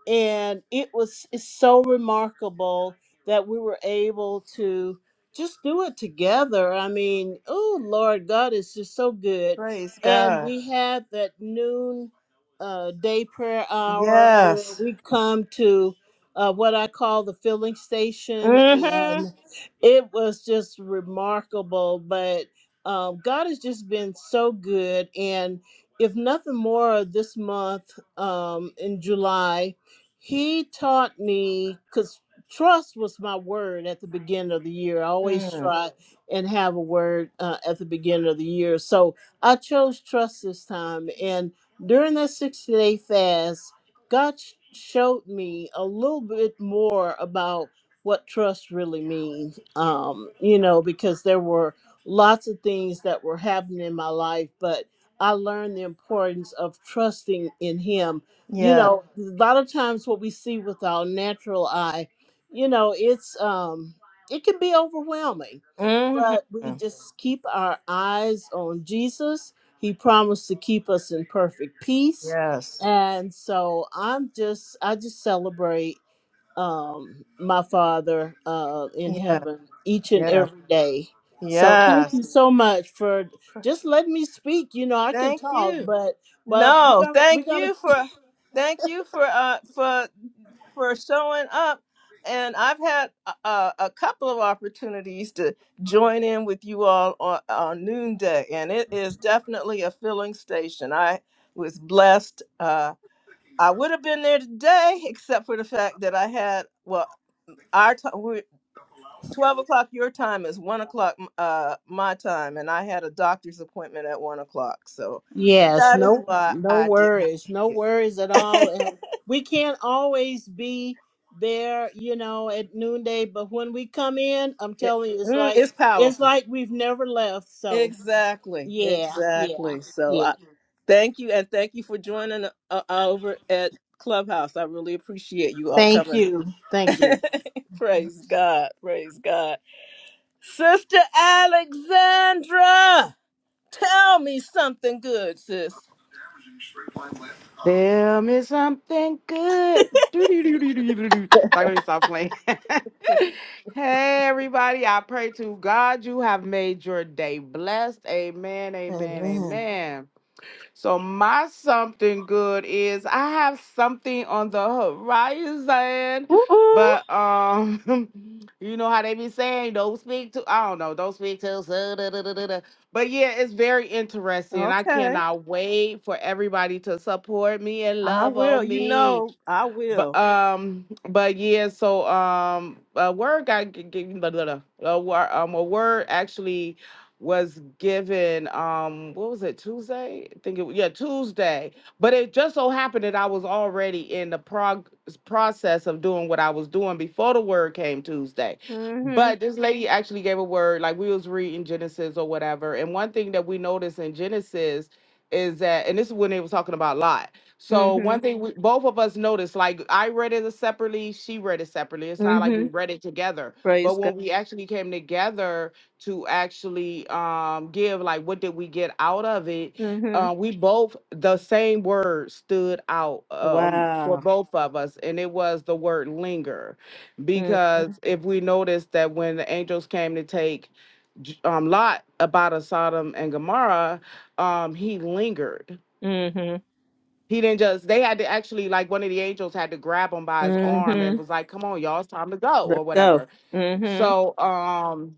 S5: and it was it's so remarkable that we were able to just do it together. I mean, oh Lord, God is just so good.
S1: praise
S5: And
S1: god
S5: we had that noon uh, day prayer hour where
S1: yes
S5: we come to uh, what I call the filling station,
S1: mm-hmm
S5: and it was just remarkable. But um, God has just been so good, and if nothing more, this month um, in July, he taught me because trust was my word at the beginning of the year. I always
S1: mm.
S5: try and have a word uh, at the beginning of the year. So I chose trust this time. And during that 60 day fast, God sh- showed me a little bit more about what trust really means, um, you know, because there were lots of things that were happening in my life, but I learned the importance of trusting in Him you
S1: yeah
S5: know a lot of times what we see with our natural eye you know it's um it can be overwhelming
S1: mm-hmm
S5: but we just keep our eyes on jesus he promised to keep us in perfect peace
S1: yes
S5: and so i'm just i just celebrate um my father uh in
S1: yeah
S5: heaven each and
S1: yeah
S5: every day so thank
S1: yes
S5: you so much for just letting me speak you know i can
S1: thank
S5: talk
S1: you
S5: but but we're
S1: No,
S5: gonna, we're
S1: thank
S5: gonna
S1: you for thank you for uh for for showing up. And I've had a, a a couple of opportunities to join in with you all on, on noonday, and it is definitely a filling station. I was blessed. Uh, I would have been there today, except for the fact that I had well, our time we twelve o'clock your time is one o'clock m- uh my time, and I had a doctor's appointment at one o'clock, so
S5: Yes,
S1: that is
S5: no
S1: why
S5: no
S1: I did not.
S5: worries, no worries at all. And we can't always be there, you know, at noonday, but when we come in, I'm
S1: It-
S5: telling you, it's
S1: mm,
S5: like
S1: it's
S5: it's
S1: powerful.
S5: like we've never left. So
S1: Exactly.
S5: yeah, yeah,
S1: Exactly. So
S5: yeah.
S1: I thank you and thank you for joining uh, over at Clubhouse. I really appreciate you all
S5: Thank
S1: coming.
S5: you. Thank you.
S1: praise God. Praise God. Sister Alexandra, tell me something good, sis.
S6: Tell me something good. Doo-doo-doo-doo-doo-doo-doo. Sorry, let me stop playing. hey, everybody. I pray to God you have made your day blessed. Amen, amen, amen. So my something good is I have something on the horizon,
S1: woo
S6: but um, you know how they be saying don't speak to I don't know don't speak to us, uh, da, da, da, da, da." but yeah, it's very interesting. I
S1: Okay.
S6: cannot wait for everybody to support me and
S1: I
S6: love
S1: will.
S6: on
S1: You
S6: me
S1: know, I
S6: but
S1: will.
S6: um but yeah so um a word got g- g- blah, blah, blah. a word um a word actually was given um what was it tuesday i think it was yeah tuesday but it just so happened that i was already in the prog- process of doing what i was doing before the word came tuesday
S1: Mhm.
S6: but this lady actually gave a word like we was reading genesis or whatever and one thing that we noticed in genesis is that and this is when they was talking about lot so one
S1: Mhm.
S6: thing we both of us noticed, like I read it separately, she read it separately. It's not like we
S1: Mhm.
S6: read it together. But
S1: Praise God.
S6: when we actually came together to actually um give like what did we get out of it,
S1: Mhm.
S6: uh, we both the same word stood out um for
S1: Wow.
S6: both of us, and it was the word linger.
S1: Mm.
S6: Because if we noticed that when the angels came to take J- um Lot about a Sodom and Gomorrah, um, he lingered
S1: Mhm.
S6: he didn't just, they had to actually, like, one of the angels had to grab him by his arm
S1: hmm
S6: and was like, come on, y'all, it's time to go, or
S1: Let's go.
S6: whatever.
S1: hmm
S6: So, um,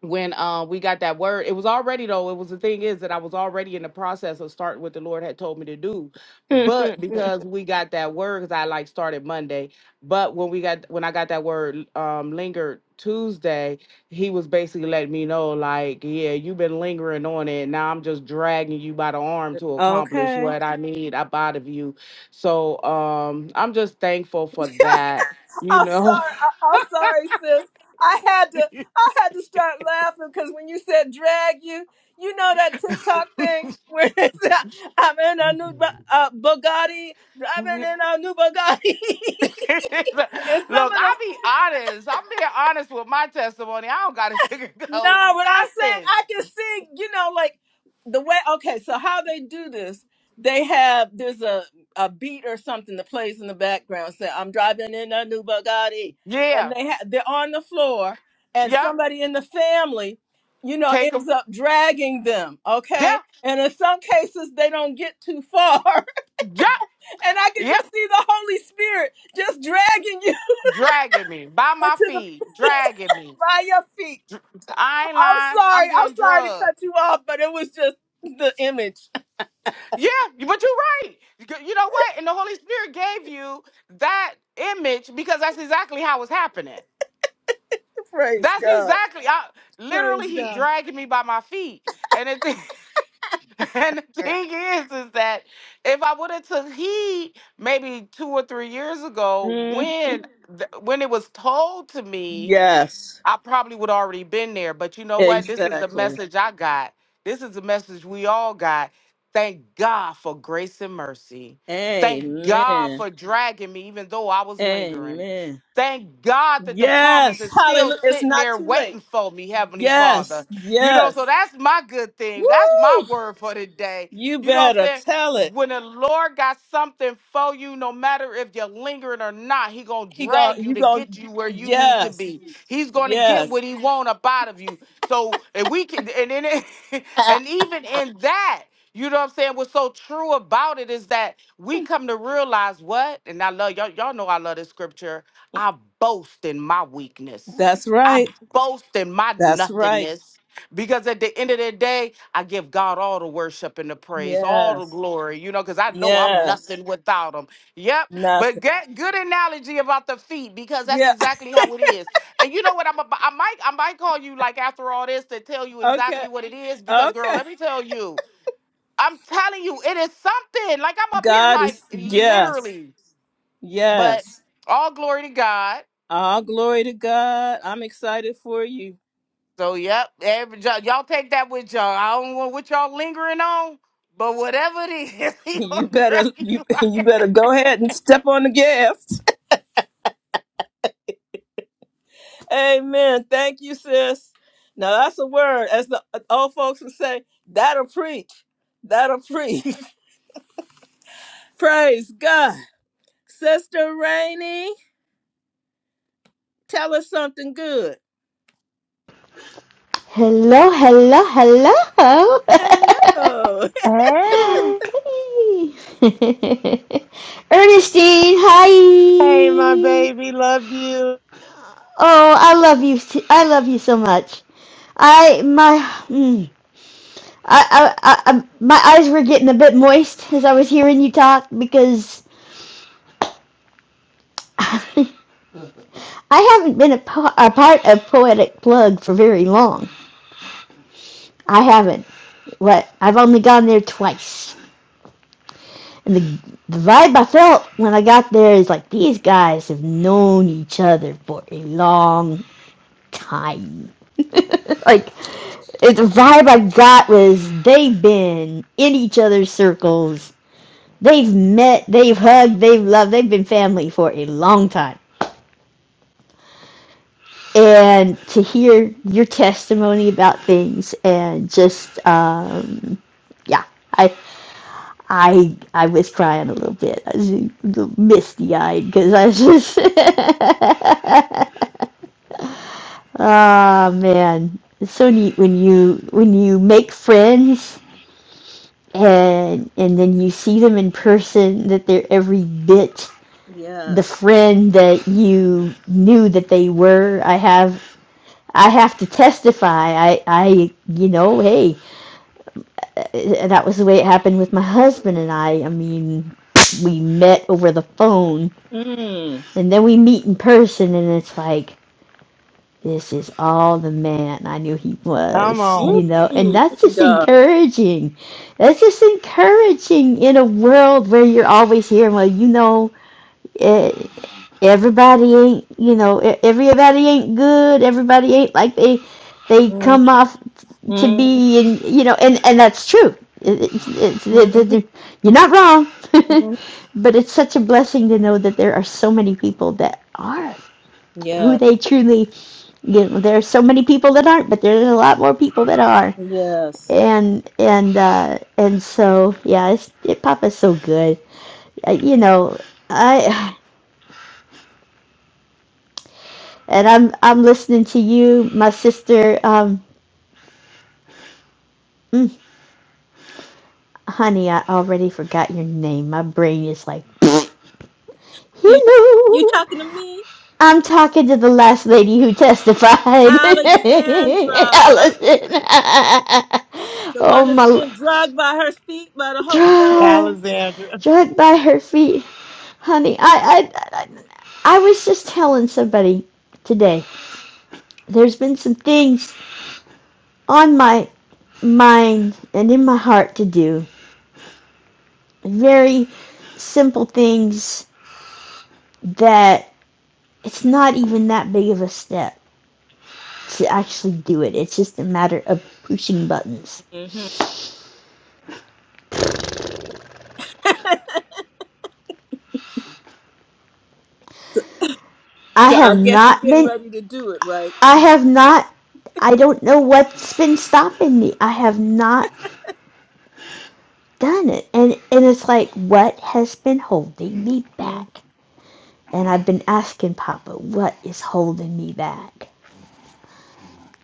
S6: when uh, we got that word it was already though it was the thing is that i was already in the process of starting what the lord had told me to do
S1: okay.
S6: but because we got that word because i like started monday but when we got when i got that word um lingered tuesday he was basically letting me know like yeah you've been lingering on it now i'm just dragging you by the arm to
S1: I'm
S6: accomplish what i need up out of you so um i'm just thankful for that you know
S1: sorry. I- I'm sorry, sis. I had to. I had to start laughing because when you said drag you, you know that TikTok thing where it's, uh, I'm in a new Bu- uh, Bugatti, driving in a new Bugatti, and some
S6: Look,
S1: of them
S6: I be honest. I'm being honest with my testimony. I don't gotta
S1: No,
S6: sugarcoat
S1: but I'm saying
S6: nothing.
S1: I can see, you know, like the way okay, so how they do this, they have there's a a beat or something that plays in the background. Say, I'm driving in a new Bugatti. And
S6: Yeah.
S1: they ha- they're on the floor and
S6: Yep.
S1: somebody in the family, you know,
S6: Take a
S1: ends up dragging them,
S6: yep.
S1: okay? And in some cases they don't get too far.
S6: Yep.
S1: And I can
S6: Yep.
S1: just see the Holy Spirit just dragging you
S6: Dragging me by my
S1: into the
S6: feet. Dragging me.
S1: by your feet
S6: Dr- I ain't
S1: I'm
S6: lying.
S1: sorry.
S6: I'm
S1: I'm
S6: getting
S1: sorry to
S6: drugged.
S1: cut you off, but it was just the image.
S6: Yeah, but you're right. You g- you know what? And the Holy Spirit gave you that image because that's exactly how it's happening.
S1: Praise
S6: That's
S1: God.
S6: exactly. I, literally,
S1: Praise
S6: he
S1: God.
S6: dragging me by my feet, and it. And the thing is, is that if I would have took heed maybe two or three years ago,
S1: Mm,
S6: when th- when it was told to me
S1: yes,
S6: I probably would already been there, but you know what? This is the
S1: exactly.
S6: message I got. This is the message we all got. Thank God for grace and mercy. Thank God
S1: Amen.
S6: for dragging me, even though I was lingering.
S1: Amen.
S6: Thank God that the promise
S1: Yes.
S6: is still
S1: Hallelujah. It's
S6: sitting
S1: not
S6: there
S1: too late.
S6: waiting for me, Heavenly Father.
S1: Yes.
S6: You know, so
S1: Yes.
S6: that's my good thing. That's my
S1: Woo!
S6: word for today.
S1: You
S6: You know what I'm
S1: better
S6: saying?
S1: tell it.
S6: When the Lord got something for you, no matter if you're lingering or not, He gonna
S1: He gon'
S6: drag you
S1: you
S6: to get
S1: gon'
S6: you where you need to
S1: yes.
S6: be. He's going to get what
S1: Yes.
S6: he want up out of you. So if we can, and then, it-
S1: Ah,
S6: and even in that, you know what I'm saying? What's so true about it is that we come to realize what, and I love y'all. Y'all know I love this scripture. I boast in my weakness.
S1: That's
S6: I
S1: right.
S6: boast in my
S1: That's right.
S6: nothingness. Because at the end of the day, I give God all the worship and the praise, all the
S1: Yes.
S6: glory, you know, because I know I'm
S1: Yes.
S6: nothing without Him. Yep. But
S1: Nothing.
S6: get good analogy about the feet, because that's
S1: Yeah.
S6: exactly how it is. And you know what? I'm a, I might I might call you like after all this to tell you
S1: Okay.
S6: exactly what it is because girl,
S1: Okay.
S6: let me tell you, I'm telling you, it is something. Like I'm up here
S1: God is
S6: like
S1: yes.
S6: literally, but
S1: Yes.
S6: all glory to God.
S1: All glory to God. I'm excited for you.
S6: So yep, every, y'all y'all take that with y'all. I don't want what y'all lingering on, but whatever it is, he
S1: You
S6: gonna drag
S1: better you
S6: you.
S1: you
S6: like.
S1: better go ahead and step on the gas. Amen. Thank you, sis. Now that's a word. As the old folks would say, that'll preach. That'll preach. Praise God. Sister Rainey, tell us something good.
S7: Hello, hello, hello.
S1: Hello.
S4: Hey,
S7: Hey. Ernestine, hi.
S4: hey, my baby, love you.
S7: Oh, I love you. s- I love you so much. I my mm, I, I, I I- my eyes were getting a bit moist as I was hearing you talk because I haven't been a, po- a part of Poetic Plug for very long. I haven't. What? I've only gone there twice. And the, the vibe I felt when I got there is like these guys have known each other for a long time. like it- the vibe I got was they've been in each other's circles. They've met, they've hugged, they've loved, they've been family for a long time. And to hear your testimony about things and just, uh, yeah, I I I was crying a little bit. I was misty eyed because I was just oh man, it's so neat when you when you make friends and and then you see them in person that they're every bit the
S1: Yes.
S7: friend that you knew that they were. I have I have to testify. I I you know hey that was the way it happened with my husband and I. I mean we met over the phone
S1: Mm.
S7: And then we meet in person, and it's like, this is all the man I knew he
S4: Come
S7: was,
S4: on,
S1: Ooh,
S7: you know? And
S1: look
S7: that's
S1: at
S7: just
S1: God.
S7: encouraging. That's just encouraging in a world where you're always hearing, well, you know, eh, everybody ain't, you know, e- everybody ain't good. Everybody ain't like they, they come off to
S1: Mm-hmm.
S7: be, and, you know, and, and that's true. It, it, it, it,
S1: Mhm.
S7: it, you're not wrong. but it's such a blessing to know that there are so many people that are who
S1: Yes,
S7: they truly you know, there are so many people that aren't, but there's a lot more people that are.
S1: yes.
S7: And and uh, and so yeah, it's, it Papa's so good. Uh, you know, I and I'm I'm listening to you, my sister. Um, mm, honey, I already forgot your name. My brain is like,
S1: You ta- you
S7: hello.
S1: talking to me,
S7: I'm talking to the last lady who testified, Allison.
S1: Alexandra, the
S7: oh
S1: one that's
S7: my,
S1: being drugged by her feet by the Holy Ghost?
S4: Alexandra.
S7: Dragged by her feet. Honey, I, I, I, I was just telling somebody today. There's been some things on my mind and in my heart to do. Very simple things that it's not even that big of a step to actually do it. It's just a matter of pushing buttons.
S1: hmm
S7: I
S1: So
S7: have
S1: I guess you're
S7: not
S1: getting
S7: been,
S1: ready to do it, right?
S7: I have not, I don't know what's been stopping me. I have not done it. And, and it's like, what has been holding me back? And I've been asking Papa, what is holding me back?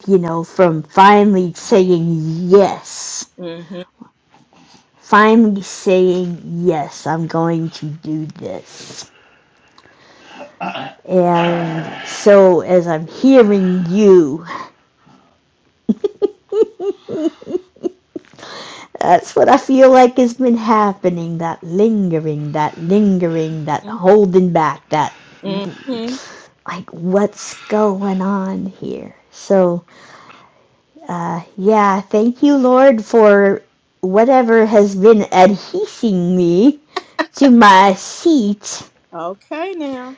S7: You know, from finally saying yes.
S1: Mm-hmm.
S7: Finally saying, yes, I'm going to do this. And so, as I'm hearing you, that's what I feel like has been happening that lingering, that lingering, that
S1: mm
S7: holding back, that
S1: hmm
S7: like, what's going on here? So, Uh, yeah, thank you, Lord, for whatever has been adhesing me to my seat.
S1: Okay, now.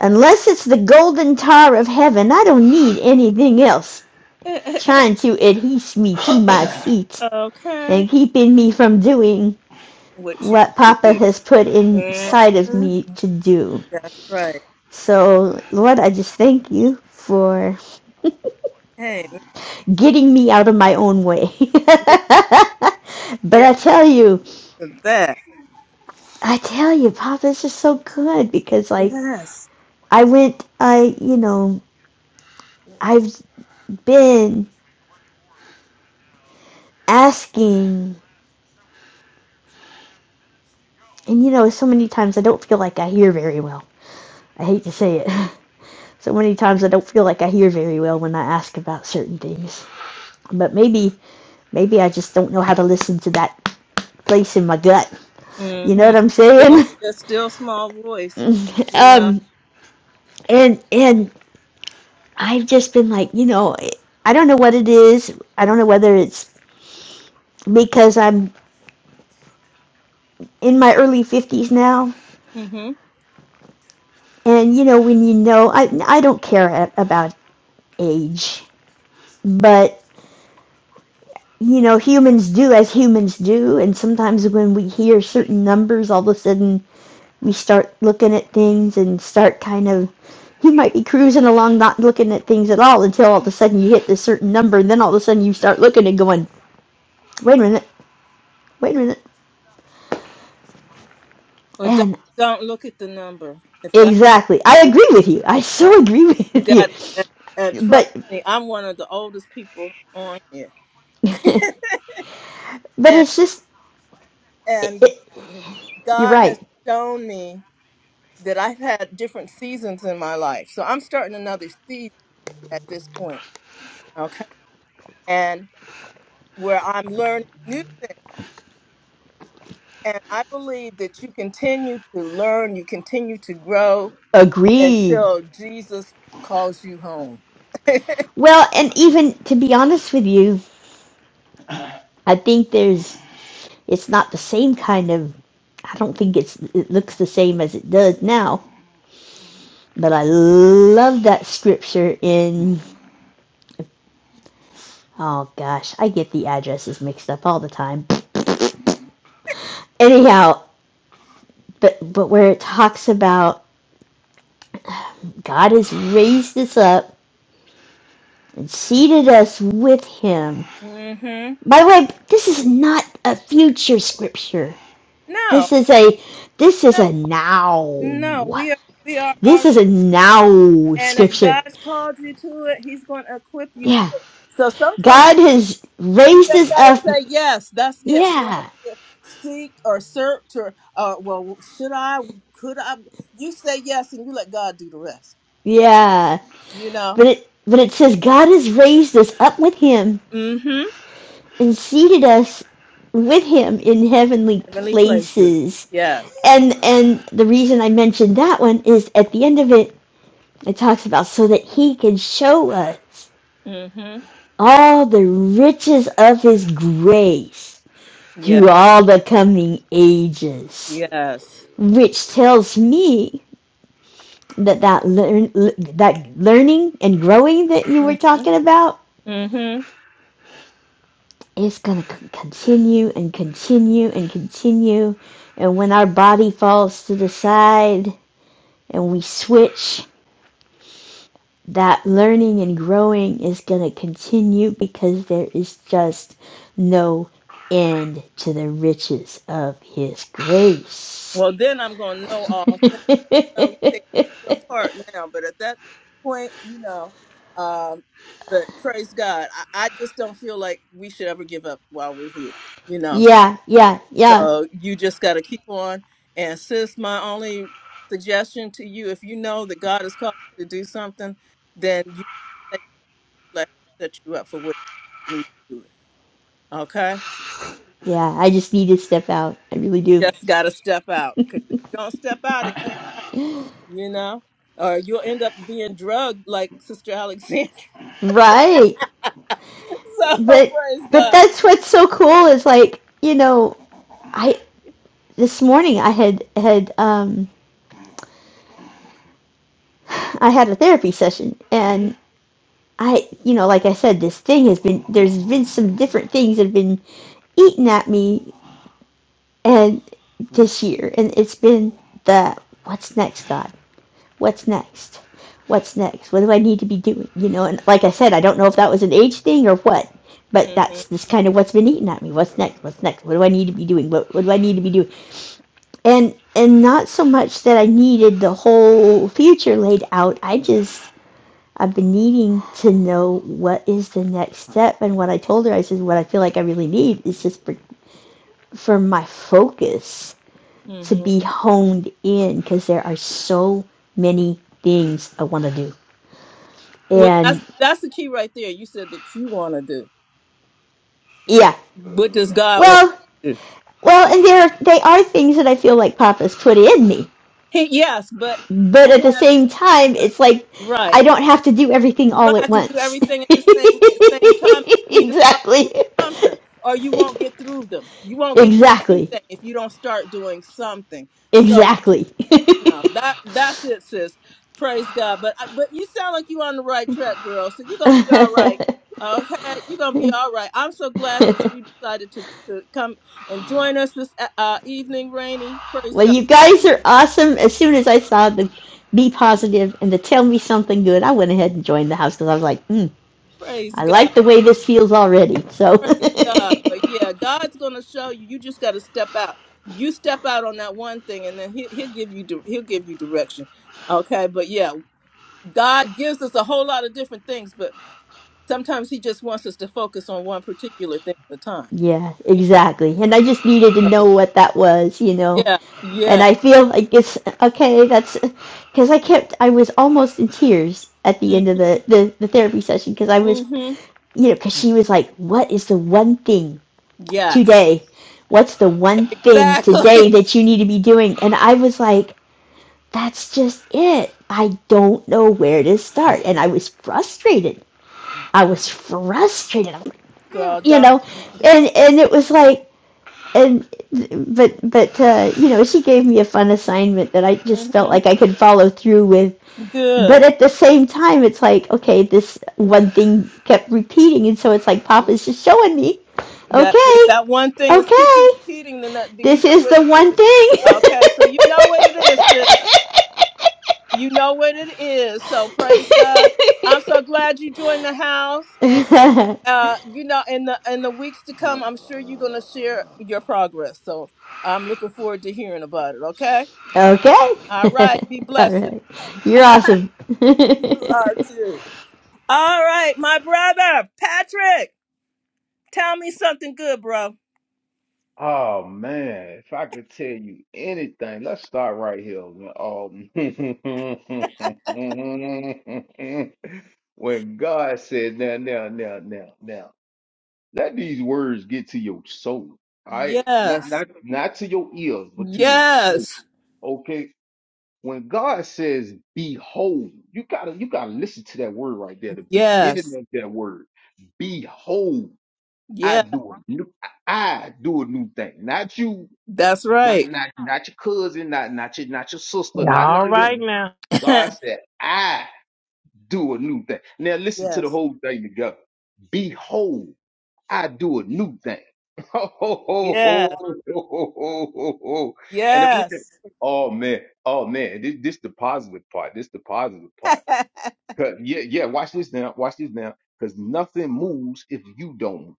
S7: Unless it's the golden tar of heaven, I don't need anything else trying to adhese me to my seat
S1: okay.
S7: and keeping me from doing
S1: What you
S7: what
S1: need to
S7: Papa
S1: do?
S7: has put inside of
S1: Mhm.
S7: me to do.
S1: That's right.
S7: So, Lord, I just thank you for
S1: Hey,
S7: getting me out of my own way.
S1: yeah,
S7: but
S1: yeah,
S7: I tell you,
S1: to that.
S7: I tell you, Pop, this is so good because, like,
S1: Yes.
S7: I went, I, you know, I've been asking, and, you know, so many times I don't feel like I hear very well. I hate to say it. So many times I don't feel like I hear very well when I ask about certain things. But maybe, maybe I just don't know how to listen to that place in my gut. You know
S1: Mm-hmm.
S7: what I'm
S1: Still,
S7: saying?
S1: it's still small voice, you know.
S7: um, and, and I've just been like, you know, I don't know what it is. I don't know whether it's because I'm in my early 50s now.
S1: Mm-hmm.
S7: And, you know, when you know, I, I don't care about age, but, you know, humans do as humans do. And sometimes when we hear certain numbers, all of a sudden we start looking at things and start kind of, you might be cruising along not looking at things at all until all of a sudden you hit this certain number. And then all of a sudden you start looking and going, wait a minute, wait a minute.
S1: But don't
S7: And
S1: don't look at the number. If God,
S7: exactly, I
S1: if
S7: agree with you. I so agree
S1: you
S7: with you.
S1: got and, and trust
S7: But,
S1: me, I'm one of the oldest people on here,
S7: but
S1: and
S7: it's just, it,
S1: and
S7: it, You're
S1: God has
S7: right.
S1: shown me that I've had different seasons in my life. So I'm starting another season at this point. Okay, and where I'm learning new things, and I believe that you continue to learn, you continue to grow
S7: Agreed.
S1: until Jesus calls you home.
S7: Well, and even to be honest with you, I think there's it's not the same kind of I don't think it's it looks the same as it does now, but I love that scripture in oh gosh, I get the addresses mixed up all the time. Anyhow, but but where it talks about God has raised us up and seated us with him.
S1: hmm
S7: By the way, this is not a future scripture.
S1: No.
S7: This is a this is a now.
S1: No, we are we are all
S7: This is a now
S1: and if
S7: scripture.
S1: God's called you to it, he's going to equip you for
S7: Yeah.
S1: it. So sometimes
S7: God has
S1: we
S7: raised
S1: just
S7: us
S1: got to
S7: up.
S1: say yes. That's it. We don't have
S7: Yeah.
S1: to seek or search or uh well, should I could I you say yes and you let God do the rest.
S7: Yeah.
S1: You know?
S7: But it but it says God has raised us up with him
S1: Mhm.
S7: and seated us with him in heavenly
S1: Heavenly places.
S7: places.
S1: Yes.
S7: And and the reason I mentioned that one is at the end of it it talks about so that he can show us
S1: Mhm.
S7: all the riches of his grace
S1: Yeah.
S7: through all the coming ages,
S1: Yes.
S7: which tells me that that learn that learning and growing that you were
S1: Mhm.
S7: talking about
S1: Mhm.
S7: is going to continue and continue and continue, and when our body falls to the side and we switch. That learning and growing is going to continue because there is just no end to the riches of His grace.
S1: Well, then I'm going to know all things. know, you think one part now, but at that point, you know, um, but praise God, I, I just don't feel like we should ever give up while we're here, you know.
S7: Yeah, yeah, yeah,
S1: So you just got to keep on. And sis, my only suggestion to you, if you know that God has called you to do something, then you take let set you up for what you need to do it. Okay,
S7: yeah. I just need to step out. I really
S1: you
S7: do.
S1: just got to step out because if you don't step out, it can't, you know, or you'll end up being drugged like Sister Alexandra
S7: Right.
S1: So
S7: But
S1: praise
S7: but
S1: God. So,
S7: that's what's so cool is like, you know, I this morning I had had um I had a therapy session and I you know, like I said, this thing has been there's been some different things that have been eating at me and this year and it's been the what's next God? what's next? What's next? What do I need to be doing? You know, and like I said, I don't know if that was an age thing or what, but
S1: Mm-hmm.
S7: that's this kind of what's been eating at me. What's next? What's next? What do I need to be doing? What, what do I need to be doing? And and not so much that I needed the whole future laid out. I just I've been needing to know what is the next step. And what I told her, I said, what I feel like I really need is just for, for my focus to
S1: hmm
S7: be honed in because there are so many things I want to do.
S1: Well, that's
S7: And
S1: that's the key right there. You said that you want to do.
S7: yeah,
S1: What does God want?
S7: well, well, and there they are things that I feel like Papa's put in me,
S1: He yes, but
S7: but at
S1: He
S7: the
S1: has
S7: same
S1: His
S7: time,
S1: season.
S7: it's like
S1: Right.
S7: I don't have to do everything
S1: You
S7: all
S1: don't
S7: at
S1: have to do
S7: once.
S1: everything at the same at same time. You need to start doing
S7: exactly,
S1: something, or you won't get through them. You won't get through
S7: exactly,
S1: anything if you don't start doing something. So what you,
S7: exactly.
S1: you know that that's it, sis. Praise God. But I- but you sound like you're on the right track, girl. So you're gonna be all right. Okay, you're gonna be all right. I'm so glad that you decided to, to come and join us this uh, uh, evening, Rainy. Praise
S7: well,
S1: God.
S7: you guys are awesome. As soon as I saw the be positive and the tell me something good, I went ahead and joined the house because I was like, hmm,
S1: Praise
S7: I
S1: God.
S7: like the way this feels already. So.
S1: Praise God. But yeah, God's gonna show you. You just gotta step out. You step out on that one thing, and then he, he'll give you di- he'll give you direction. Okay, but yeah, God gives us a whole lot of different things, but sometimes He just wants us to focus on one particular thing at a time.
S7: Yeah,
S1: Yeah,
S7: exactly. And I just needed to know
S1: so,
S7: what that was, you know.
S1: yeah,
S7: And
S1: yeah.
S7: I feel like it's okay, that's because I kept, I was almost in tears at the end of the, the, the therapy session because I was,
S1: Mm-hmm.
S7: you know, because she was like, what is the one thing
S1: Yes,
S7: today? What's the one thing
S1: exactly,
S7: today that you need to be doing? And I was like, that's just it. I don't know where to start. And I was frustrated. I was frustrated. like,
S1: girl.
S7: You
S1: Don't.
S7: know, and and it was like and but but uh, you know she gave me a fun assignment that I just felt
S1: hmm
S7: like I could follow through with. But
S1: Good.
S7: at the same time, it's like okay, this one thing kept repeating, and so it's like Papa's just showing me,
S1: That if
S7: okay,
S1: that one thing is keep you
S7: okay,
S1: repeating, then that, then you
S7: this
S1: know
S7: is
S1: what
S7: the
S1: it
S7: one
S1: is.
S7: thing.
S1: Okay, so you know what it is, sis. You know what it is. So praise God. I'm so glad you joined the house. And uh, you know, in the in the weeks to come, I'm sure you're gonna share your progress. So I'm looking forward to hearing about it. Okay.
S7: okay,
S1: All right. Be
S7: all
S1: blessed.
S7: right, you're awesome.
S1: you are too. All right, my brother Patrick. Tell me something good, bro.
S8: Oh man, if I could tell you anything, let's start right here. When, um, when God said, "Now, now, now, now, now," let these words get to your soul. All right, not
S1: Yes.
S8: not not to your ears, but to your soul.
S1: Yes.
S8: Okay, when God says, "Behold," you gotta you gotta listen to that word right there, the
S1: Yes.
S8: beginning of that word. Behold, I
S1: Yeah.
S8: do a new, I do a new thing, not you.
S1: That's
S8: Not
S1: right.
S8: not not your cousin, not not your not your sister, not
S4: All
S8: none of
S4: right
S8: them.
S4: now.
S8: God said, I do a new thing. Now listen to the
S1: yes.
S8: whole thing together. Behold, I do a new thing. Ho ho ho ho
S1: Yes.
S8: ho ho ho ho. ho. And if we did,
S1: Yes.
S8: oh man, oh man, this this the positive part. This the positive part. 'Cause- yeah, yeah, watch this now, watch this now. Because nothing moves if you don't move.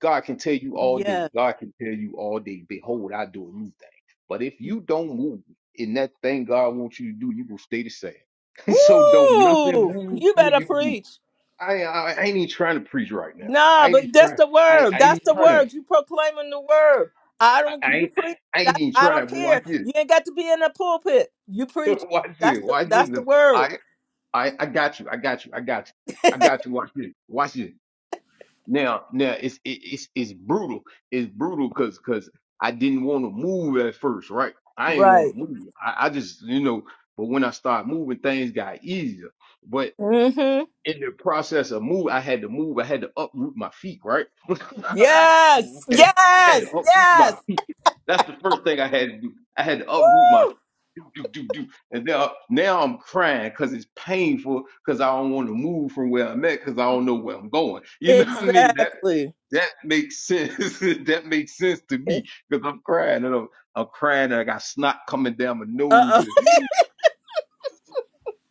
S8: God can tell you all
S1: Yes.
S8: day. God can tell you all day, behold, I do a new thing. But if you don't move in that thing God wants you to do, you will stay the same. so don't nothing
S1: Ooh,
S8: move
S1: you
S8: till
S1: better
S8: you do.
S1: preach.
S8: I, I I ain't even trying to preach right now.
S1: Nah,
S8: I ain't
S1: but
S8: even
S1: that's
S8: trying.
S1: the
S8: I,
S1: word.
S8: I ain't even
S1: That's the
S8: trying.
S1: word. You proclaiming the word. I
S8: I,
S1: don't.
S8: I
S1: You
S8: ain't
S1: preach.
S8: I ain't
S1: That
S8: even
S1: I
S8: trying.
S1: don't
S8: But watch
S1: care.
S8: this.
S1: You ain't got to be in the pulpit. You preach.
S8: watch
S1: That's
S8: this.
S1: the.
S8: Watch this.
S1: That's the word.
S8: I I I got you. I got you. I got you. I got you. Watch this. Watch this. Now, now it's it, it's it's brutal. It's brutal because because I didn't want to move at first, right? I didn't want
S1: Right.
S8: to move. I, I just you know, but when I started moving, things got easier. But
S1: Mm-hmm.
S8: in the process of move, I had to move. I had to uproot my feet, right?
S1: Yes.
S8: I had
S1: Yes.
S8: to uproot my
S1: Yes.
S8: that's the first thing I had to do. I had to uproot my
S1: Woo!
S8: do do do do, and now now I'm crying because it's painful because I don't want to move from where I'm at because I don't know where I'm going. You know what I mean? That
S1: Exactly.
S8: that makes sense. that makes sense to
S1: Uh
S8: me because I'm crying and I'm, I'm crying and I got snot coming down my nose
S1: oh.
S8: and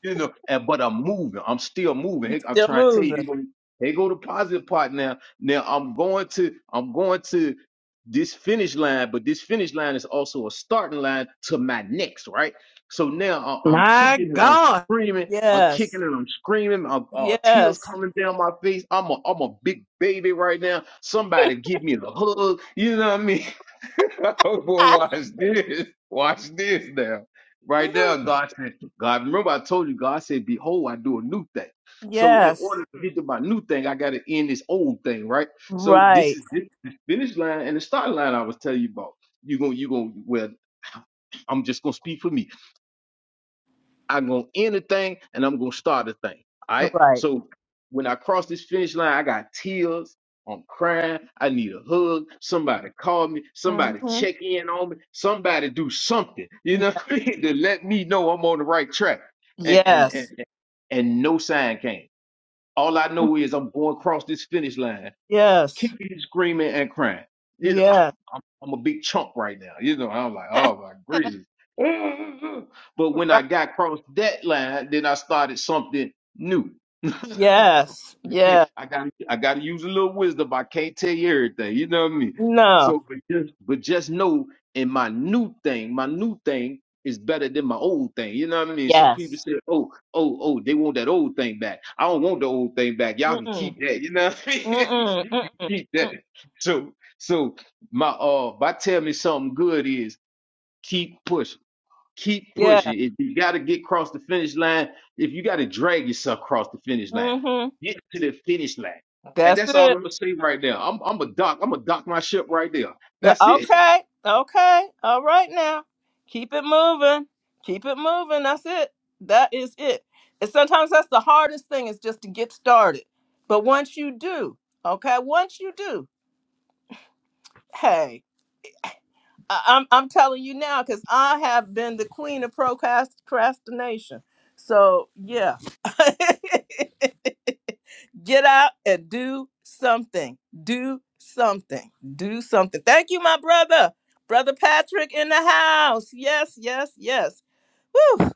S8: you know, and but I'm moving. I'm still moving.
S1: You
S8: Hey, I'm
S1: still
S8: trying to tell you, you
S1: moving.
S8: gonna- here go the positive part now. Now I'm going to I'm going to this finish line, but this finish line is also a starting line to my next, right? So now I- I'm
S4: My
S8: kicking and I'm
S4: God.
S8: screaming. I'm
S1: Yes.
S8: kicking and I'm screaming. I'm, uh, tears
S1: Yes.
S8: coming down my face. I'm a I'm a big baby right now. Somebody give me the hug. You know what I mean? well, watch this. Watch this now. Right now, God said. God, remember I told you, God said, Behold, I do a new thing. So in
S1: Yes.
S8: order to get to my new thing, I gotta end this old thing, right? So this
S1: Right.
S8: is this is the finish line and the start line I was telling you about. You're gonna you gonna well, I'm just gonna speak for me. I'm gonna end a thing and I'm gonna start a thing. All right.
S1: Right.
S8: So when I cross this finish line, I got tears. I'm crying. I need a hug. Somebody call me. Somebody
S1: Mm-hmm.
S8: check in on me. Somebody do something, you know, to let me know I'm on the right track
S1: Yes.
S8: and no sign came. All I know is I'm going across this finish line,
S1: Yes.
S8: kicking, screaming, and crying. You know,
S1: Yes.
S8: I'm, I'm a big chump right now. You know, I'm like, oh my gracious. but when
S1: Right.
S8: I got across that line, then I started something new.
S1: Yes.
S8: I can't.
S1: Yes.
S8: I got. I got to use a little wisdom. I can't tell you everything. You know what I mean.
S1: No.
S8: So, but just, but just know, in my new thing, my new thing is better than my old thing. You know what I mean. Some people
S1: Yes.
S8: say, oh, oh, oh, they want that old thing back. I don't want the old thing back. Y'all can
S1: Mm-mm.
S8: keep that. You know what I mean.
S1: Mm-mm.
S8: you can
S1: Mm-mm.
S8: keep that.
S1: Mm-mm.
S8: So, so my uh, if I tell me something good is keep pushing Keep
S1: Yeah.
S8: pushing. If you got to get across the finish line, if you got to drag yourself across the finish line,
S1: Mm-hmm.
S8: get to the finish line. And
S1: That's
S8: that's all I'm
S1: it.
S8: gonna say right there. I'm I'm a dock. I'm gonna dock my ship right there.
S1: Yeah.
S8: That's it.
S1: Okay. Okay. All right now. Keep it moving. Keep it moving. That's it. That is it. And sometimes that's the hardest thing is just to get started. But once you do, okay, once you do, hey, I- I'm I'm telling you now because I have been the queen of procrast- procrastination. So yeah, get out and do something. Do something. Do something. Thank you, my brother, brother Patrick in the house. Yes, yes, yes. Woo!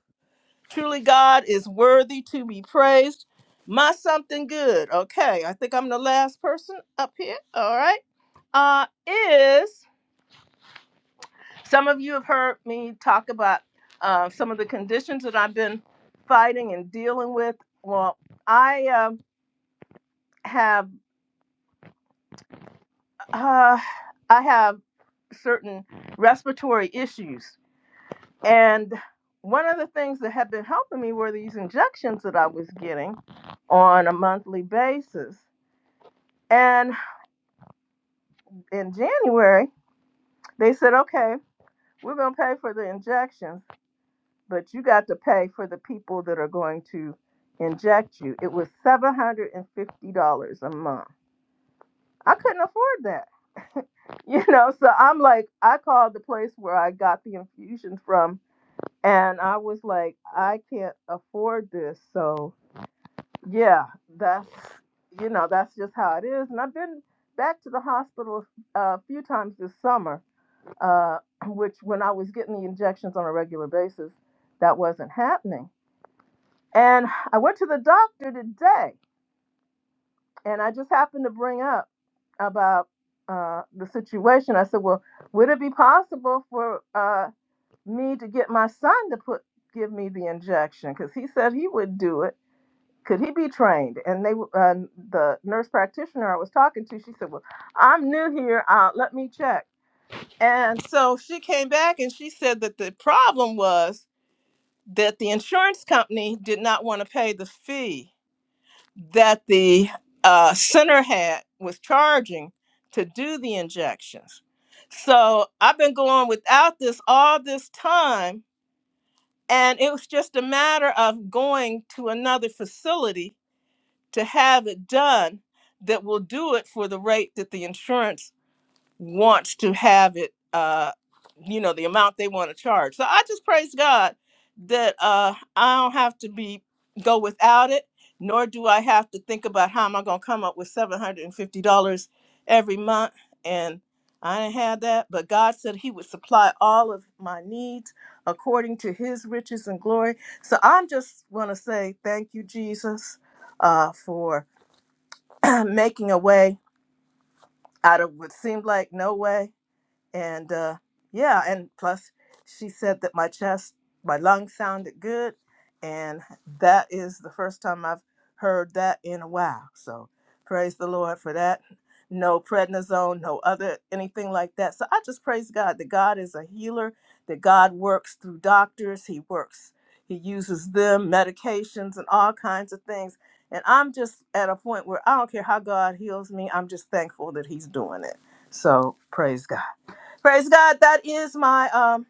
S1: Truly, God is worthy to be praised. My something good. Okay, I think I'm the last person up here. All right. Uh, is Some of you have heard me talk about uh, some of the conditions that I've been fighting and dealing with. Well, I um have uh, I have certain respiratory issues, and one of the things that had been helping me were these injections that I was getting on a monthly basis. And in January, they said, "Okay, we're going to pay for the injections." but you got to pay for the people that are going to inject you. It was seven hundred and fifty dollars a month. I couldn't afford that. you know, so I'm like, I called the place where I got the infusion from, and I was like, I can't afford this. So yeah, that's you know, that's just how it is. And I've been back to the hospital uh, a few times this summer, uh, which when I was getting the injections on a regular basis, that wasn't happening. And I went to the doctor today, and I just happened to bring up about uh, the situation. I said, "Well, would it be possible for uh, me to get my son to put give me the injection? Because he said he would do it. Could he be trained?" And they, uh, the nurse practitioner I was talking to, she said, "Well, I'm new here. Uh, let me check." And so she came back and she said that the problem was that the insurance company did not want to pay the fee that the uh, center had was charging to do the injections. So I've been going without this all this time, and it was just a matter of going to another facility to have it done that will do it for the rate that the insurance wants to have it uh you know the amount they want to charge so i just praise god that uh i don't have to be go without it nor do i have to think about how am i going to come up with $750 every month and i didn't have that but god said he would supply all of my needs according to his riches and glory so i just want to say thank you jesus uh for making a way out of what seemed like no way and uh, yeah, and plus she said that my chest, my lungs sounded good, and that is the first time I've heard that in a while. So praise the Lord for that. No prednisone, no other anything like that. So I just praise God that God is a healer, that God works through doctors. He works, He uses them, medications, and all kinds of things. And I'm just at a point where I don't care how God heals me. I'm just thankful that He's doing it. So praise God. Praise God. That is my um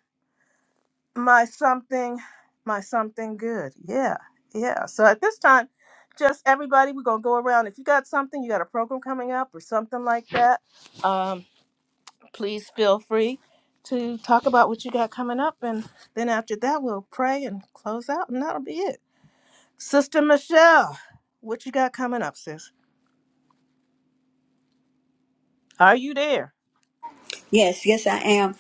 S1: my something my something good. Yeah. Yeah. So at this time, just everybody, we're gonna go around. If you got something, you got a program coming up or something like that, um, please feel free to talk about what you got coming up and then after that we'll pray and close out and that'll be it. Sister Michelle, what you got coming up, sis? Are you there?
S2: Yes, yes, I am.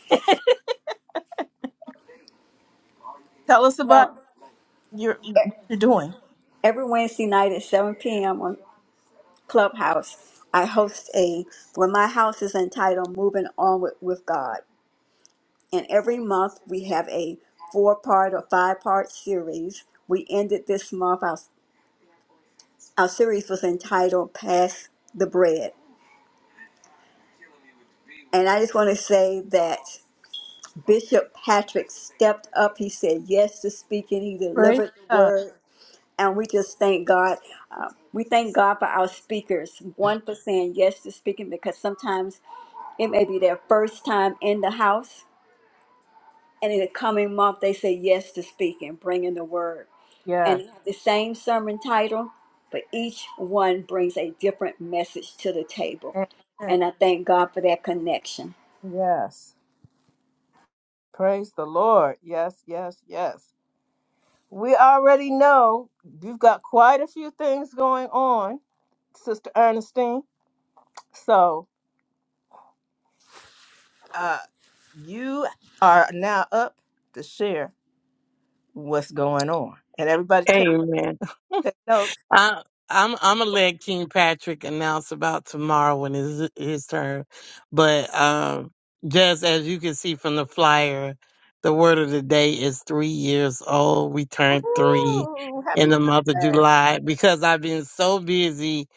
S1: Tell us about
S2: Well,
S1: your
S2: e-
S1: what you're doing.
S2: every Wednesday night at 7 p.m. on Clubhouse, I host a, well, my house is entitled Moving On with, with God. And every month we have a four part or five part series. We ended this month, our, our series was entitled Pass the Bread. And I just want to say that Bishop Patrick stepped up. He said yes to speaking, he
S1: Praise
S2: delivered the
S1: God.
S2: word. And we just thank God. Uh, we thank God for our speakers. One for saying yes to speaking because sometimes it may be their first time in the house And in the coming month, they say yes to speaking, bringing the word. And
S1: Yeah.
S2: it have the same sermon title, but each one brings a different message to the table.
S1: Amen.
S2: And I thank God for that connection.
S1: Yes. Praise the Lord. Yes, yes, yes. We already know you've got quite a few things going on, Sister Ernestine. So uh, you are now up to share what's going on. And everybody take,
S4: Amen.
S1: take notes.
S4: I, I'm I'm gonna let King Patrick announce about tomorrow when his his turn, but um, just as you can see from the flyer, the word of the day is three years old. We turned three
S1: Ooh,
S4: in
S1: happy
S4: the month of
S1: birthday.
S4: July because I've been so busy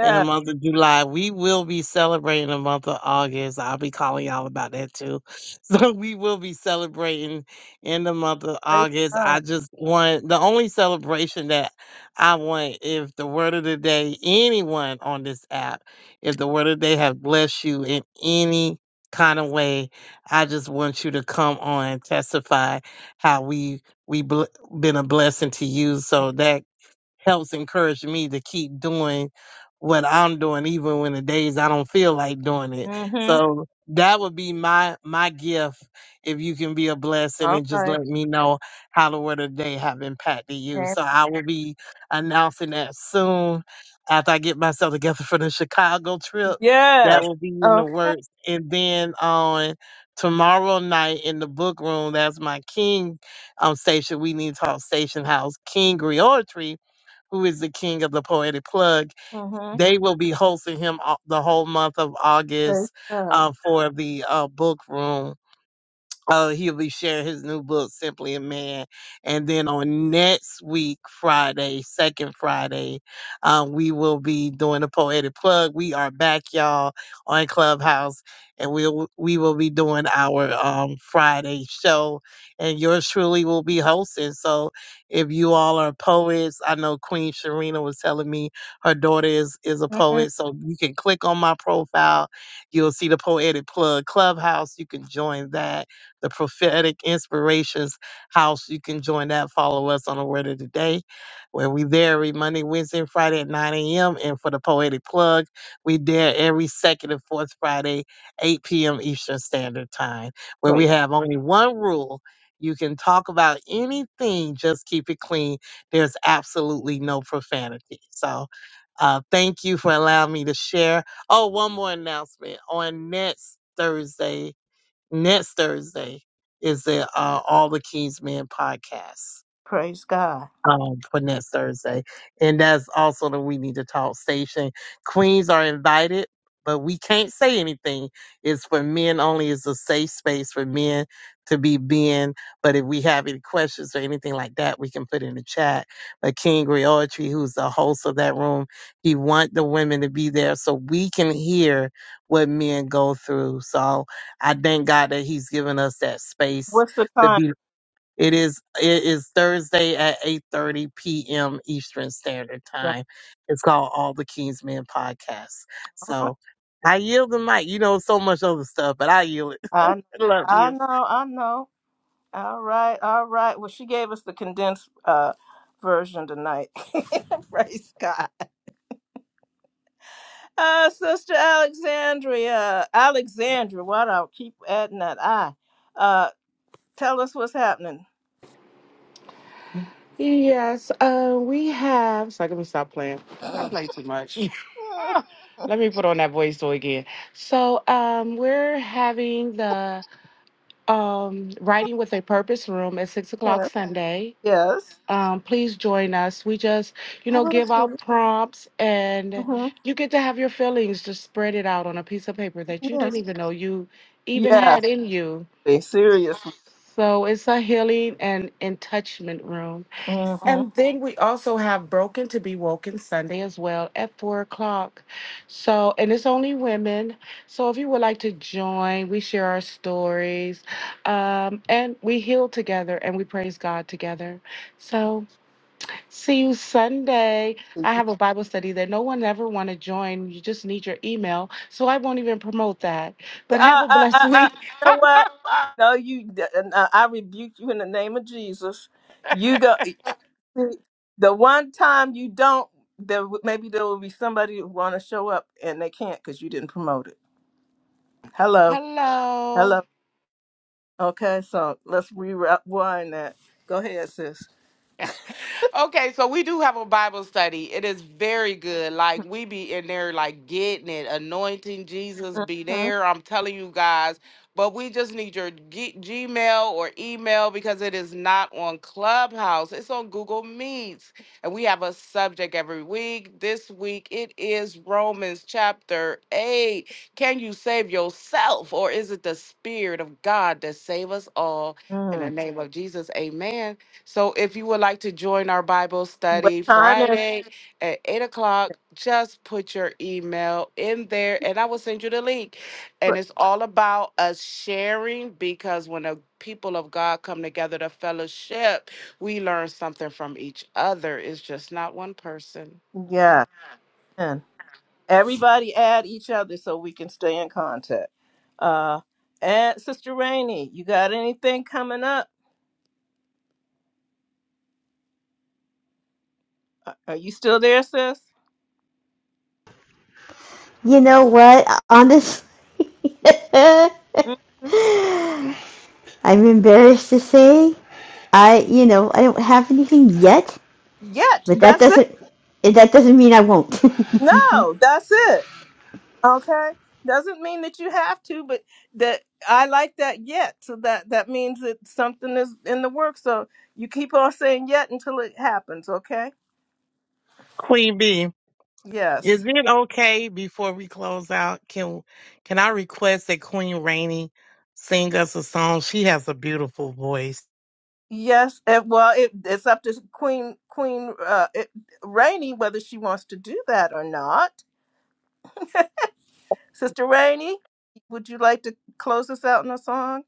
S4: in the month of July. We will be celebrating the month of August. I'll be calling y'all about that too. So we will be celebrating in the month of
S1: Praise
S4: August.
S1: God.
S4: I just want the only celebration that I want if the word of the day, anyone on this app, if the word of the day have blessed you in any kind of way, I just want you to come on and testify how we we bl- been a blessing to you. So that helps encourage me to keep doing what I'm doing, even when the days I don't feel like doing it.
S1: Mm-hmm.
S4: So that would be my my gift if you can be a blessing
S1: All
S4: and just let
S1: right.
S4: me know how the word of the day have impacted you.
S1: And
S4: So I will be announcing that soon after I get myself together for the Chicago trip. That
S1: Yes.
S4: will be in the
S1: okay.
S4: works. And then on tomorrow night in the book room, that's my King um station. We need to talk station house, King Reortry who is the king of the poetic plug.
S1: Mm-hmm.
S4: They will be hosting him au- the whole month of
S1: Praise
S4: August
S1: God.
S4: uh, for the uh, book room. Uh, he'll be sharing his new book, Simply a Man. And then on next week, Friday, second Friday, um, we will be doing the poetic plug. We are back, y'all, on Clubhouse, and we'll we will be doing our um, Friday show, and yours truly will be hosting. So if you all are poets, I know Queen Sharina was telling me her daughter is is a
S1: hmm
S4: poet, so you can click on my profile. You'll see the poetic plug clubhouse. You can join that the Prophetic Inspirations House. You can join that. Follow us on the Word of the Day, where we there every Monday, Wednesday, and Friday at 9 a.m. And for the Poetic Plug, we there every second and fourth Friday, 8 p.m. Eastern Standard Time, where
S1: Praise,
S4: we have only one rule. You can talk about anything, just keep it clean. There's absolutely no profanity. So, uh, thank you for allowing me to share. Oh, one more announcement. On next Thursday, next Thursday is the uh, All the Kings Men podcast
S1: praise God.
S4: um, for next Thursday. And that's also the We Need to Talk station. Queens are invited, but we can't say anything. It's for men only. It's a safe space for men to be being. But if we have any questions or anything like that, we can put in the chat. But King Griotri, who's the host of that room, he want the women to be there so we can hear what men go through. So I thank God that he's given us that space
S1: What's the
S4: to
S1: time?
S4: be. It is it is Thursday at 8:30 p.m. Eastern Standard
S1: Sam?
S4: Time. It's called All the King's Men Podcast.
S1: All right.
S4: So I yield the mic. You know so much other stuff, but I yield it.
S1: I,
S4: love
S1: I
S4: you.
S1: know. I know. All right. All right. Well, she gave us the condensed uh, version tonight. praise God. Uh, Sister Alexandria. Alexandria. Why do I keep adding that I? Uh, tell us what's happening.
S6: yes, uh, we have. So let me stop playing. I play too much. Let me put on that voice so again. So um, we're having the um, writing with a purpose room at six
S1: Yes.
S6: o'clock Sunday.
S1: Yes.
S6: Um, please join us. We just, you
S1: I
S6: know,
S1: will
S6: give out
S1: too.
S6: prompts and
S1: hmm
S6: you get to have your feelings just spread it out on a piece of paper that you
S1: Yes.
S6: didn't even know you even
S1: Yes.
S6: had in you.
S1: please, Seriously.
S6: So it's a healing and and room.
S1: hmm
S6: And then we also have Broken to Be Woken Sunday as well at four o'clock. So, and it's only women. So, if you would like to join, we share our stories um, and we heal together and we praise God together. So, see you Sunday. I have a Bible study that no one ever want to join. You just need your email. So, I won't even promote that.
S1: Uh,
S6: But have a
S1: uh,
S6: blessed
S1: uh, uh,
S6: week.
S1: you know what? No, you. Uh, I I rebuke you in the name of Jesus. You go. The one time you don't, there w- maybe there will be somebody who want to show up and they can't because you didn't promote it. Hello.
S6: Hello.
S1: Hello. Okay. So let's rewind that. Go ahead, sis.
S6: Okay, so we do have a Bible study. It is very good. Like we be in there like getting it, anointing Jesus be
S1: Mm-hmm.
S6: there. I'm telling you guys, but we just need your G- Gmail or email because it is not on Clubhouse. It's on Google Meets. And we have a subject every week. This week it is Romans chapter 8. Can you save yourself or is it the spirit of God that save us all in
S1: Mm.
S6: the name of Jesus? Amen. So if you would like to join our Bible
S1: What
S6: study
S1: time is?
S6: Friday at 8 o'clock, just put your email in there and I will send you the link. And it's all about us sharing because when the people of God come together to fellowship, we learn something from each other. It's just not one person.
S1: Yeah. Everybody add each other so we can stay in contact. Uh, and Sister Rainey, you got anything coming up? Are are you still there, sis?
S7: you know what? Honestly. I
S1: mm
S7: I'm embarrassed to say I, you know, I don't have anything yet,
S1: Yet,
S7: but that
S1: that's it.
S7: doesn't that doesn't mean I won't.
S1: No, that's it. Okay, doesn't mean that you have to, but that I like that yet. So that that means that something is in the works. So you keep on saying yet until it happens. Okay.
S4: Queen B. Is
S1: Yes.
S4: it okay before we close out? Can can I request that Queen Rainey sing us a song? She has a beautiful voice.
S1: Yes, and well, it, it's up to Queen Queen uh, it, Rainey whether she wants to do that or not. Sister Rainey, would you like to close us out in a song?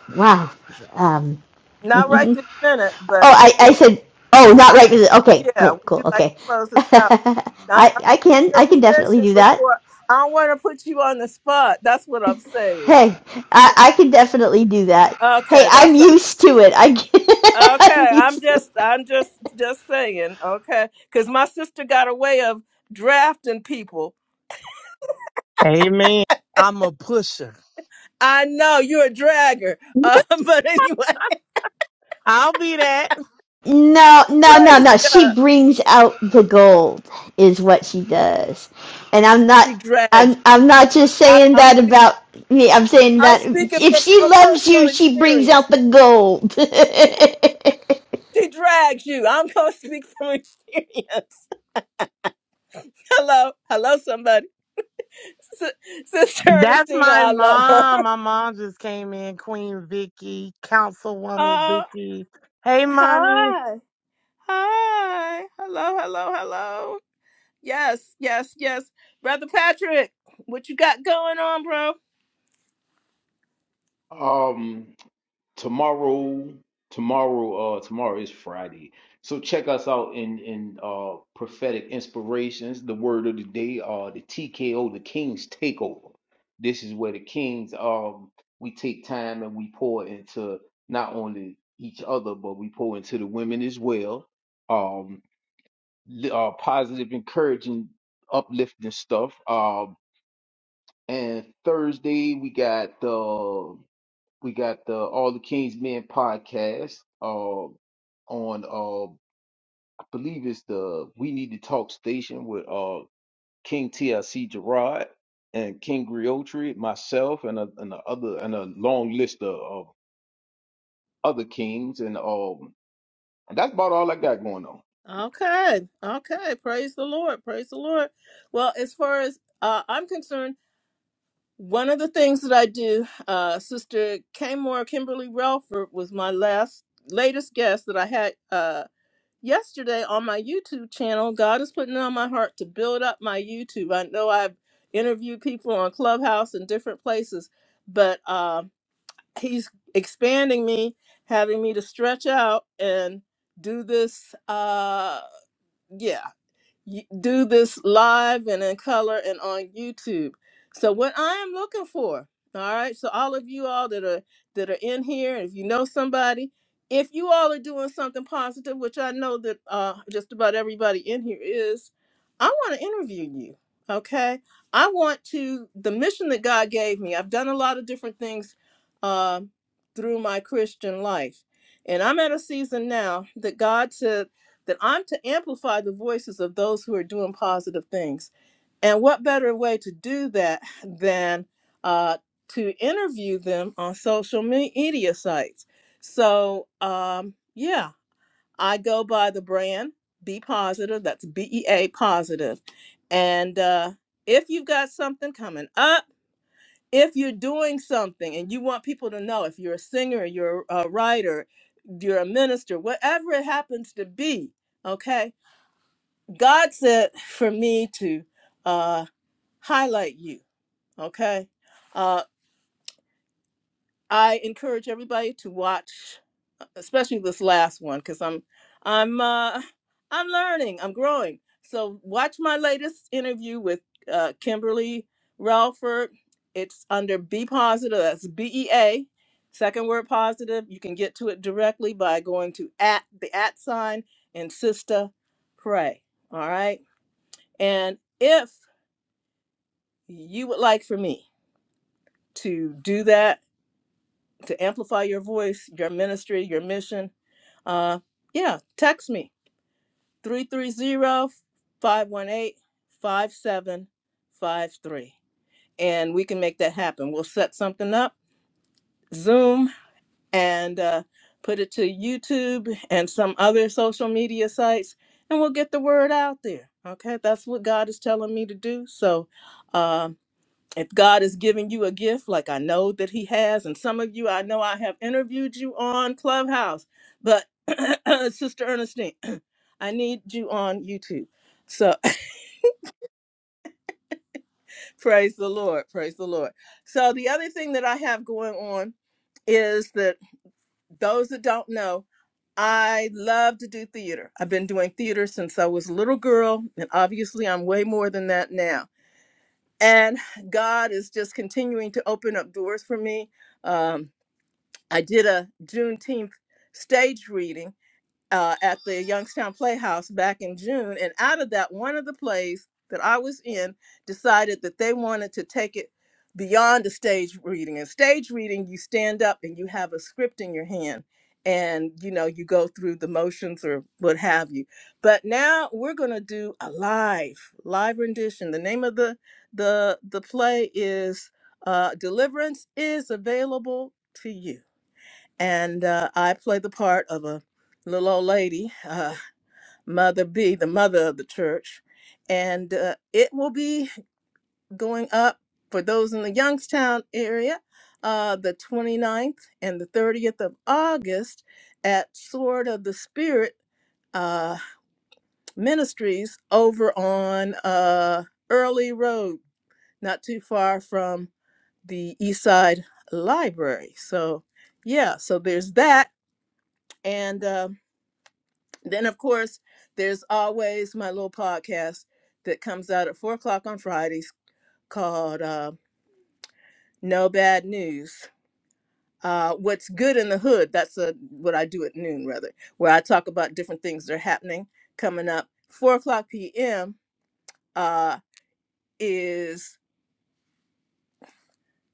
S7: wow. Um,
S1: Not right
S7: oh,
S1: this minute, but
S7: I, I said, oh, not right. Okay,
S1: yeah,
S7: cool,
S1: would
S7: cool,
S1: you like
S7: okay.
S1: to close us out?
S7: I,
S1: I'm asking
S7: I can,
S1: your
S7: I can definitely
S1: permission
S7: do that.
S1: before. I don't want to put you on the spot. That's what I'm saying.
S7: Hey, I,
S1: So,
S7: I can definitely do that. Hey,
S1: okay, that's
S7: I'm used to it. I, am
S1: okay. I'm
S7: used to it.
S1: just I'm just just saying okay because my sister got a way of drafting people
S4: Amen. I'm a pusher.
S1: I know you're a dragger. Um, but anyway,
S4: I'll be that.
S7: No, no, no,
S1: praise
S7: no. She
S1: God.
S7: brings out the gold is what she does. And I'm not
S1: She drags
S7: I'm
S1: you.
S7: I'm not just
S1: I'm
S7: saying
S1: I'm
S7: that
S1: spe-
S7: about me. I'm saying
S1: I'm
S7: that
S1: speaking
S7: if
S1: from
S7: she
S1: a
S7: loves
S1: personal
S7: you, she brings
S1: experience.
S7: out the gold.
S1: She drags you. I'm gonna speak from experience. Hello, hello, somebody. S- Sister
S4: That's
S1: Ernestina,
S4: my
S1: I love her.
S4: mom. My mom just came in, Queen Vicky, Councilwoman
S1: Oh,
S4: Vicky. Hey, mommy.
S1: hi, hi, hello, hello, hello. Yes, yes, yes. Brother Patrick, what you got going on, bro?
S8: Um, tomorrow tomorrow uh tomorrow is friday so check us out in in uh prophetic inspirations the word of the day uh the tko the king's takeover this is where the kings um we take time and we pour into not only each other but we pour into the women as well um li- uh positive encouraging uplifting stuff um and thursday we got we got the All the Kings Men podcast uh, on, uh, I believe it's the We Need to Talk station with uh, King TLC Gerard and King Griotri, myself, and a, and a other and a long list of, of other kings, and um, and that's about all I got going on.
S1: Okay. Okay. Praise the Lord. Praise the Lord. Well, as far as uh, I'm concerned, one of the things that I do, uh, Sister Kamora Kimberly Relford was my last latest guest that I had uh, yesterday on my YouTube channel. God is putting it on my heart to build up my YouTube. I know I've interviewed people on Clubhouse and different places, but uh, He's expanding me, having me to stretch out and do this. Uh, yeah, y- do this live and in color and on YouTube. So what I am looking for, all right. So all of you all that are that are in here, if you know somebody, if you all are doing something positive, which I know that uh, just about everybody in here is, I want to interview you. Okay, I want to the mission that God gave me. I've done a lot of different things um through my Christian life, and I'm at a season now that God says that I'm to amplify the voices of those who are doing positive things. And what better way to do that than uh, to interview them on social me- media sites? So, um, yeah, I go by the brand Be Positive. That's B E A positive. And uh, if you've got something coming up, if you're doing something and you want people to know, if you're a singer, you're a writer, you're a minister, whatever it happens to be, okay? God said for me to uh, highlight you. Okay, uh, I encourage everybody to watch, especially this last one, because I'm, I'm, uh, I'm learning, I'm growing. So watch my latest interview with uh, Kimberly Relford. It's under Be Positive. That's B E A, second word positive. You can get to it directly by going to at the at sign and Sister Pray. All right, and if you would like for me to do that to amplify your voice your ministry your mission uh yeah text me three three zero five one eight five seven five three, and we can make that happen we'll set something up zoom and uh, put it to youtube and some other social media sites and we'll get the word out there okay that's what god is telling me to do so um, if God is giving you a gift, like I know that He has, and some of you I know I have interviewed you on Clubhouse, but Sister Ernestine, I need you on YouTube. So praise the Lord, praise the Lord. So the other thing that I have going on is that those that don't know, I love to do theater. I've been doing theater since I was a little girl, and obviously I'm way more than that now. And God is just continuing to open up doors for me. Um, I did a Juneteenth stage reading uh, at the Youngstown Playhouse back in June, and out of that, one of the plays that I was in decided that they wanted to take it beyond a stage reading. And stage reading, you stand up and you have a script in your hand, and you know you go through the motions or what have you. But now we're going to do a live live rendition. The name of the the the play is uh, "Deliverance is available to you." and uh, I play the part of a little old lady, uh, Mother B, the mother of the church, and uh, it will be going up for those in the Youngstown area, uh, the 29th and the 30th of August at Sword of the Spirit uh, Ministries over on uh, Early Road, not too far from the Eastside Library. So, yeah, so there's that, and. um, Then, of course, there's always my little podcast that comes out at four o'clock on Fridays called uh, No Bad News. Uh, What's Good in the Hood? That's uh what I do at noon, rather, where I talk about different things that are happening coming up. Four o'clock p.m. Uh, is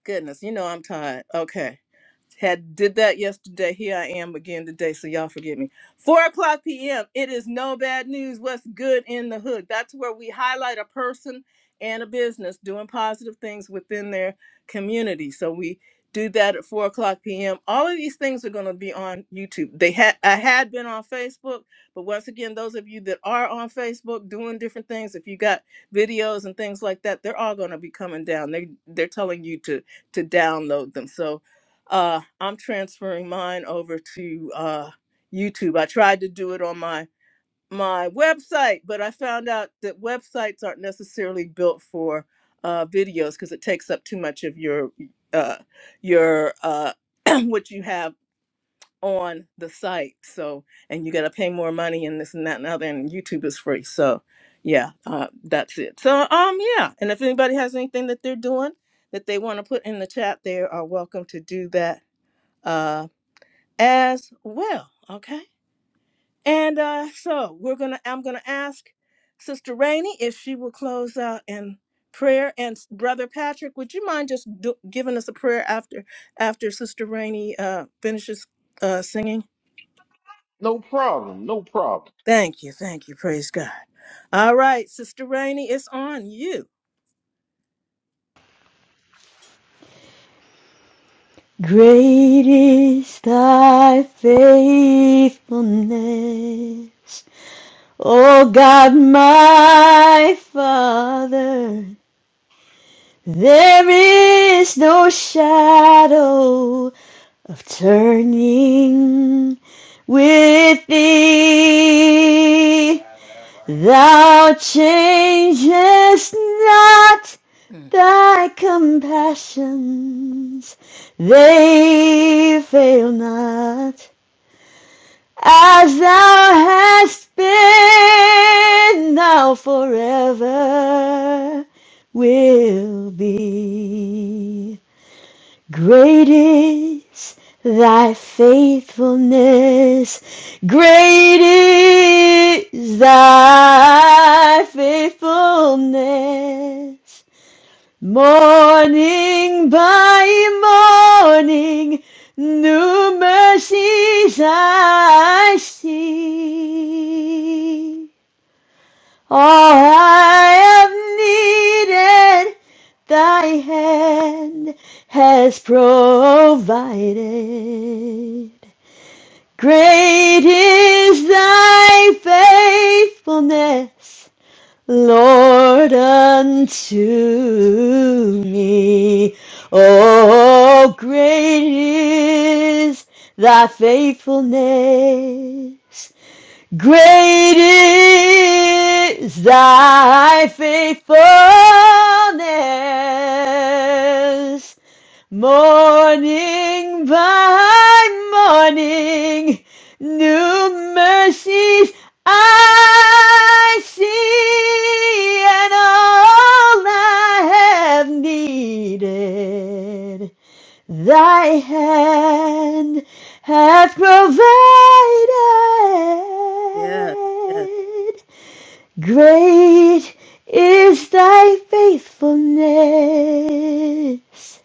S1: goodness, you know I'm tired. Okay Had did that yesterday. Here I am again today. So y'all forgive me. Four o'clock p.m. It is no bad news. What's good in the hood? That's where we highlight a person and a business doing positive things within their community. So we do that at four o'clock p.m. All of these things are going to be on YouTube. They had I had been on Facebook, but once again, those of you that are on Facebook doing different things, if you got videos and things like that, they're all going to be coming down. They they're telling you to to download them. So uh, I'm transferring mine over to uh, YouTube. I tried to do it on my my website, but I found out that websites aren't necessarily built for uh, videos because it takes up too much of your uh, your uh, what you have on the site. So and you got to pay more money and this and that and other. And YouTube is free, so yeah, uh, that's it. So um, yeah. And if anybody has anything that they're doing that they want to put in the chat, they are welcome to do that Uh, as well. Okay. And uh, so we're gonna. I'm gonna ask Sister Rainey if she will close out in prayer. And s- Brother Patrick, would you mind just do, giving us a prayer after after Sister Rainey uh, finishes uh, singing?
S8: No problem, no problem.
S1: Thank you. Thank you. Praise God. All right, Sister Rainey, it's on you.
S7: Great is thy faithfulness, O God my Father. There is no shadow of turning with thee. Thou changest not
S1: Mm.
S7: thy compassions, they fail not. As thou hast been, thou forever will be. Great is thy faithfulness. Great is thy faithfulness. Morning by morning, new mercies I see. All I have needed, thy hand has provided. Great is thy faithfulness, Lord, unto me. Oh, great is thy faithfulness. Great is thy faithfulness. Morning by morning, new mercies I see, and all I have needed. Thy hand hath provided.
S1: Yes. Yes.
S7: Great is thy faithfulness.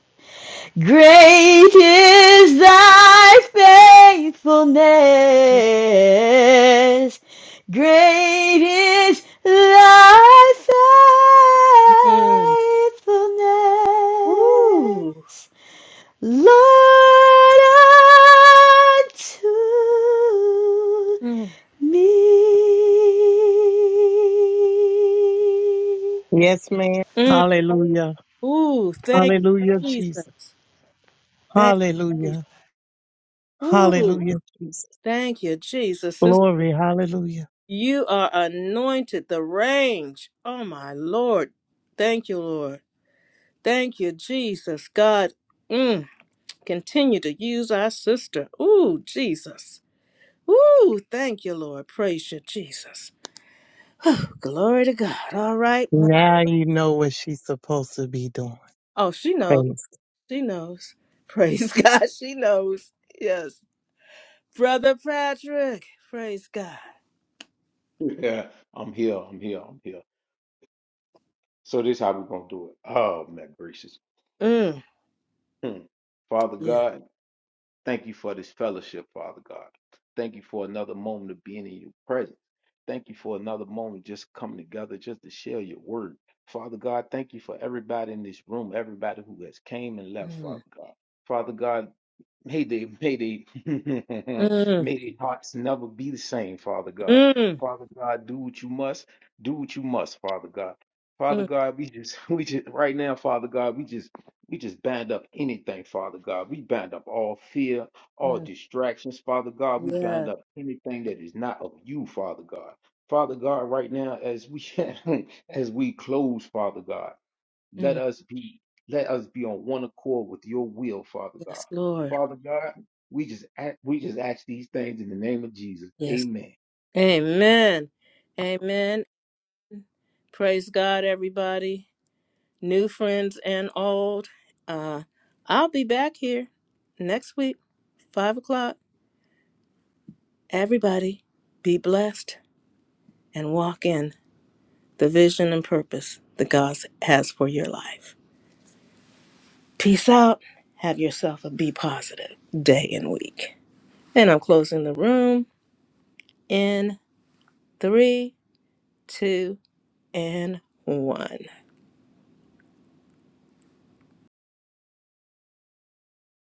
S7: Great is thy faithfulness. Great is thy
S1: Mm. Ooh.
S7: faithfulness. Lord unto
S1: Mm.
S7: me.
S4: Yes, ma'am.
S1: Mm.
S4: Hallelujah.
S1: Ooh. Thank
S4: Hallelujah,
S1: you,
S4: Jesus.
S1: Jesus. Thank you, Jesus.
S4: Hallelujah.
S1: Ooh.
S4: Hallelujah, Jesus.
S1: Thank you, Jesus. Sister,
S4: Glory. Hallelujah.
S1: you are anointed the range. Oh, my Lord. Thank you, Lord. Thank you, Jesus. God, mm, continue to use our sister. Ooh, Jesus. Ooh, thank you, Lord. Praise you, Jesus. Oh, Glory to God. All right. My-
S4: Now you know what she's supposed to be doing.
S1: oh, she knows.
S4: Praise.
S1: She knows. Praise God. She knows. Yes. Brother Patrick. Praise God.
S8: Yeah, I'm here, I'm here, I'm here. So this how we gonna do it. Oh, my gracious.
S1: Mm,
S8: Hmm. Father
S1: yeah.
S8: God. Thank you for this fellowship, Father God. Thank you for another moment of being in your presence. Thank you for another moment just coming together just to share your word. Father God, thank you for everybody in this room, everybody who has came and left, Father
S1: Mm,
S8: God. Father God, Mayday, mayday,
S1: mm,
S8: mayday hearts never be the same, Father God.
S1: mm,
S8: Father God, do what you must, do what you must, Father God. Father
S1: mm.
S8: God, we just, we just, right now, Father God, we just, we just bind up anything, Father God. We bind up all fear, all
S1: Mm.
S8: distractions, Father God. We bind
S1: Yes.
S8: up anything that is not of you, Father God. Father God, right now, as we, as we close, Father God. Let
S1: Mm.
S8: us be let us be on one accord with your will, Father God.
S1: Yes, Lord.
S8: Father God, we just a- we just ask these things in the name of Jesus.
S1: Yes.
S8: Amen.
S1: Amen. Amen. Praise God, everybody, new friends and old. Uh, I'll be back here next week, 5 o'clock. Everybody, be blessed and walk in the vision and purpose that God has for your life. Peace out. Have yourself a be positive day and week. And I'm closing the room in three, two, and one.